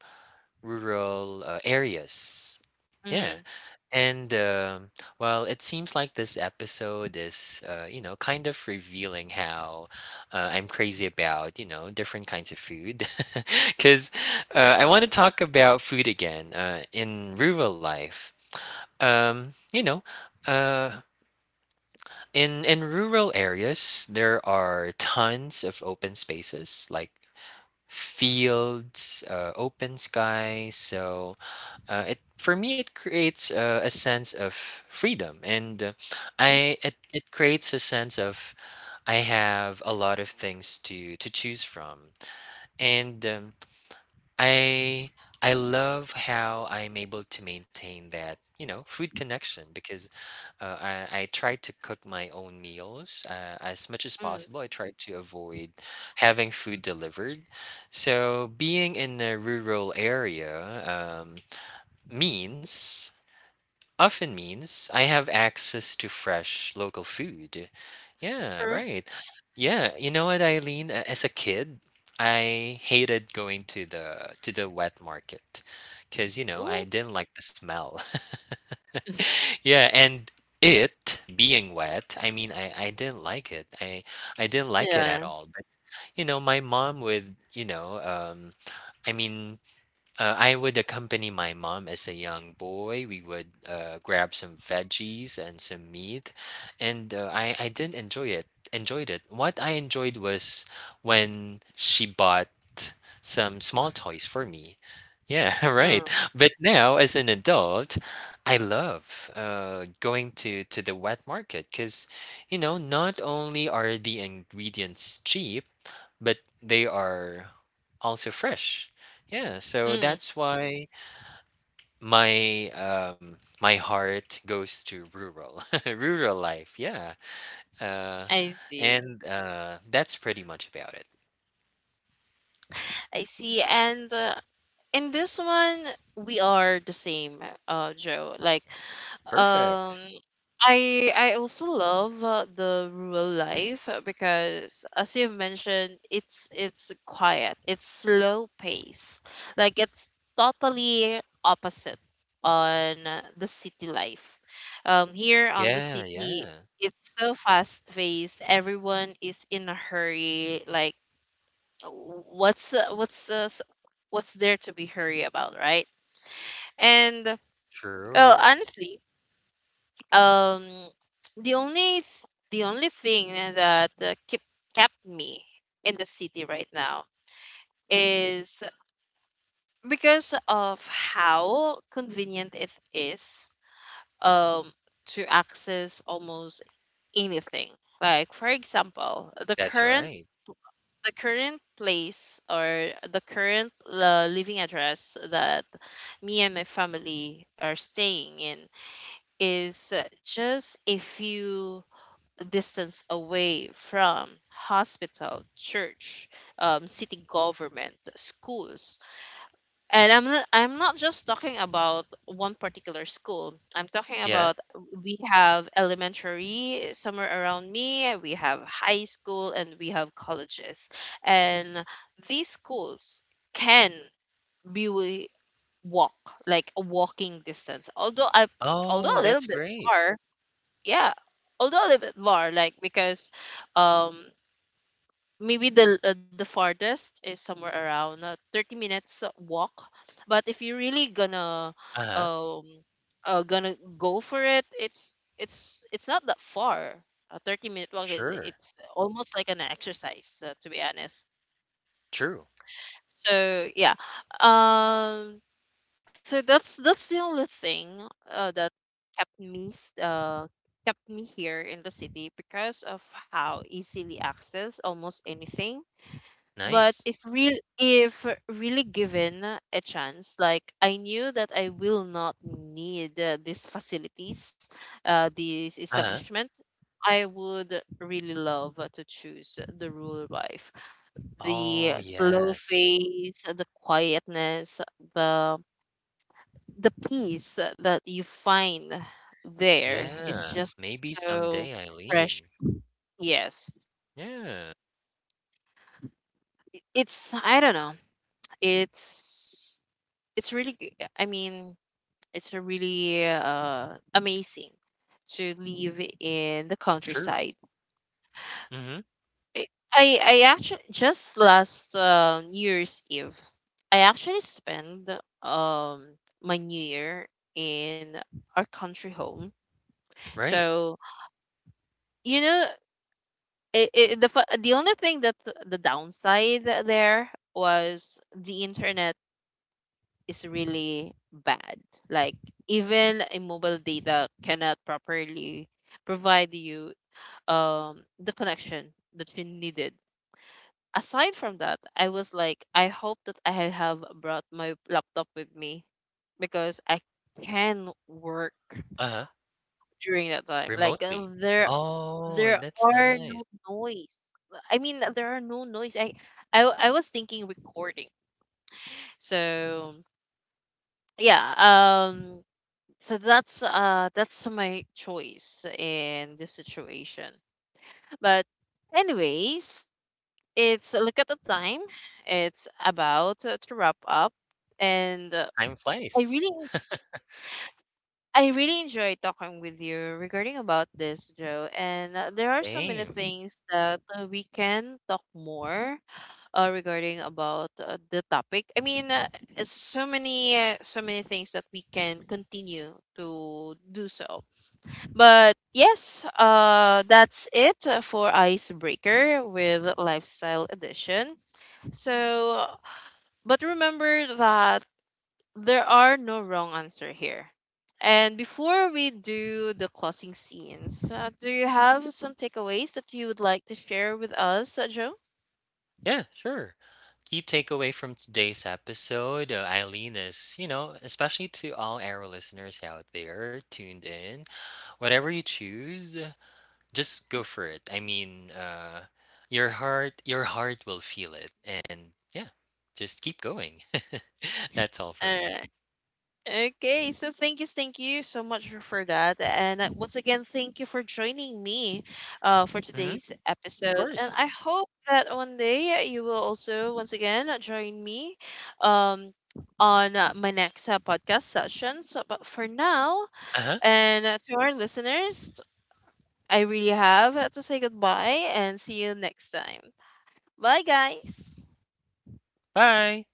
Speaker 2: rural areas. Yeah,
Speaker 1: mm,
Speaker 2: and well, it seems like this episode is you know, kind of revealing how I'm crazy about, you know, different kinds of food, because I want to talk about food again in rural life. Um, you know. Uh, in rural areas, there are tons of open spaces, like fields, open sky. So it, for me, it creates a sense of freedom, and I, it creates a sense of I have a lot of things to choose from, and I love how I'm able to maintain that, you know, food connection, because I try to cook my own meals as much as
Speaker 1: mm,
Speaker 2: possible. I try to avoid having food delivered. So being in a rural area means often means I have access to fresh local food. Yeah,
Speaker 1: true.
Speaker 2: right. Yeah, you know what, Eileen? A- As a kid, I hated going to the wet market, because, you know, I
Speaker 1: Ooh,
Speaker 2: didn't like the smell. Yeah, and it being wet, I mean, I didn't like it. I didn't like it
Speaker 1: yeah.
Speaker 2: at all. But, you know, my mom would, you know, I mean, I would accompany my mom as a young boy. We would grab some veggies and some meat, and I did enjoy it. Enjoyed it. What I enjoyed was when she bought some small toys for me. Yeah, right.
Speaker 1: Mm,
Speaker 2: But now, as an adult, I love going to the wet market, because, you know, not only are the ingredients cheap, but they are also fresh. Yeah, so
Speaker 1: mm.
Speaker 2: that's why my my heart goes to rural rural life. Yeah. Uh
Speaker 1: I see.
Speaker 2: and that's pretty much about it.
Speaker 1: I see. And in this one, we are the same, Joe. Like, Um,
Speaker 2: Perfect.
Speaker 1: I also love the rural life because, as you've mentioned, it's quiet, it's slow pace, like it's totally opposite on the city life. Here on the
Speaker 2: Yeah,
Speaker 1: city,
Speaker 2: yeah.
Speaker 1: it's so fast paced. Everyone is in a hurry. Like, what's what's there to be hurry about, right? And well,
Speaker 2: True.
Speaker 1: honestly, um the only th- the only thing that keep kept me in the city right now is because of how convenient it is um to access almost anything, like for example
Speaker 2: That's right.
Speaker 1: the current place or the current living address that me and my family are staying in is just a few distance away from hospital, church, city government, schools. And I'm not just talking about one particular school. I'm talking
Speaker 2: Yeah.
Speaker 1: about, we have elementary somewhere around me, we have high school, and we have colleges. And these schools can be wi- walk like a walking distance. Although I, although
Speaker 2: Oh,
Speaker 1: a little
Speaker 2: that's
Speaker 1: bit
Speaker 2: great.
Speaker 1: far, yeah, although a little bit far, like because um maybe the farthest is somewhere around 30 minutes walk. But if you're really gonna
Speaker 2: Uh-huh.
Speaker 1: um gonna go for it, it's not that far. A 30-minute walk is
Speaker 2: Sure.
Speaker 1: it's almost like an exercise, to be honest.
Speaker 2: True.
Speaker 1: So yeah, um so that's the only thing that kept me s- uh kept me here in the city, because of how easily access almost anything. But
Speaker 2: Nice.
Speaker 1: if really given a chance, like I knew that I will not need these facilities, uh, this
Speaker 2: Uh-huh.
Speaker 1: establishment, I would really love to choose the rural life. The
Speaker 2: Oh,
Speaker 1: slow
Speaker 2: yes.
Speaker 1: pace, the quietness, the the peace that you find there is
Speaker 2: Yeah.
Speaker 1: just
Speaker 2: Maybe
Speaker 1: so
Speaker 2: someday,
Speaker 1: fresh.
Speaker 2: Eileen.
Speaker 1: Yes.
Speaker 2: Yeah.
Speaker 1: It's I don't know. It's it's really g- I mean, it's a really amazing to live in the
Speaker 2: True.
Speaker 1: countryside.
Speaker 2: Mm-hmm.
Speaker 1: I I actually just last New Year's Eve, I actually spent um my New Year in our country home.
Speaker 2: Right.
Speaker 1: So you know, it, the only thing that the downside there was the internet is really bad. Like even a mobile data cannot properly provide you um the connection that you needed. Aside from that, I was like, I hope that I have brought my laptop with me because I can work
Speaker 2: Uh-huh.
Speaker 1: during that time. Like
Speaker 2: Remotely. Oh,
Speaker 1: there
Speaker 2: that's
Speaker 1: are no
Speaker 2: nice.
Speaker 1: noise. I mean, there are no noise. I was thinking recording. So yeah, um, so that's my choice in this situation. But anyways, it's a look at the time. It's about to wrap up, and
Speaker 2: Time
Speaker 1: I
Speaker 2: flies.
Speaker 1: really. I really enjoy talking with you regarding about this, Joe. And there are so many
Speaker 2: Same.
Speaker 1: things that we can talk more regarding about the topic. I mean, so many so many things that we can continue to do so. But yes, that's it for icebreaker with lifestyle edition. So, but remember that there are no wrong answer here. And before we do the closing scenes, do you have some takeaways that you would like to share with us, Joe?
Speaker 2: Yeah, sure. Key takeaway from today's episode, Eileen, is, you know, especially to all our listeners out there tuned in, whatever you choose, just go for it. I mean, your heart will feel it, and yeah, just keep going. That's all
Speaker 1: All
Speaker 2: for me.
Speaker 1: right. Okay, so thank you so much for that. And once again, thank you for joining me for
Speaker 2: Hmm.
Speaker 1: today's
Speaker 2: Of
Speaker 1: episode. And
Speaker 2: course.
Speaker 1: I hope that one day you will also, once again, join me um, on my next podcast session. So, but for now,
Speaker 2: Uh huh.
Speaker 1: and to our listeners, I really have to say goodbye and see you next time. Bye, guys.
Speaker 2: Bye.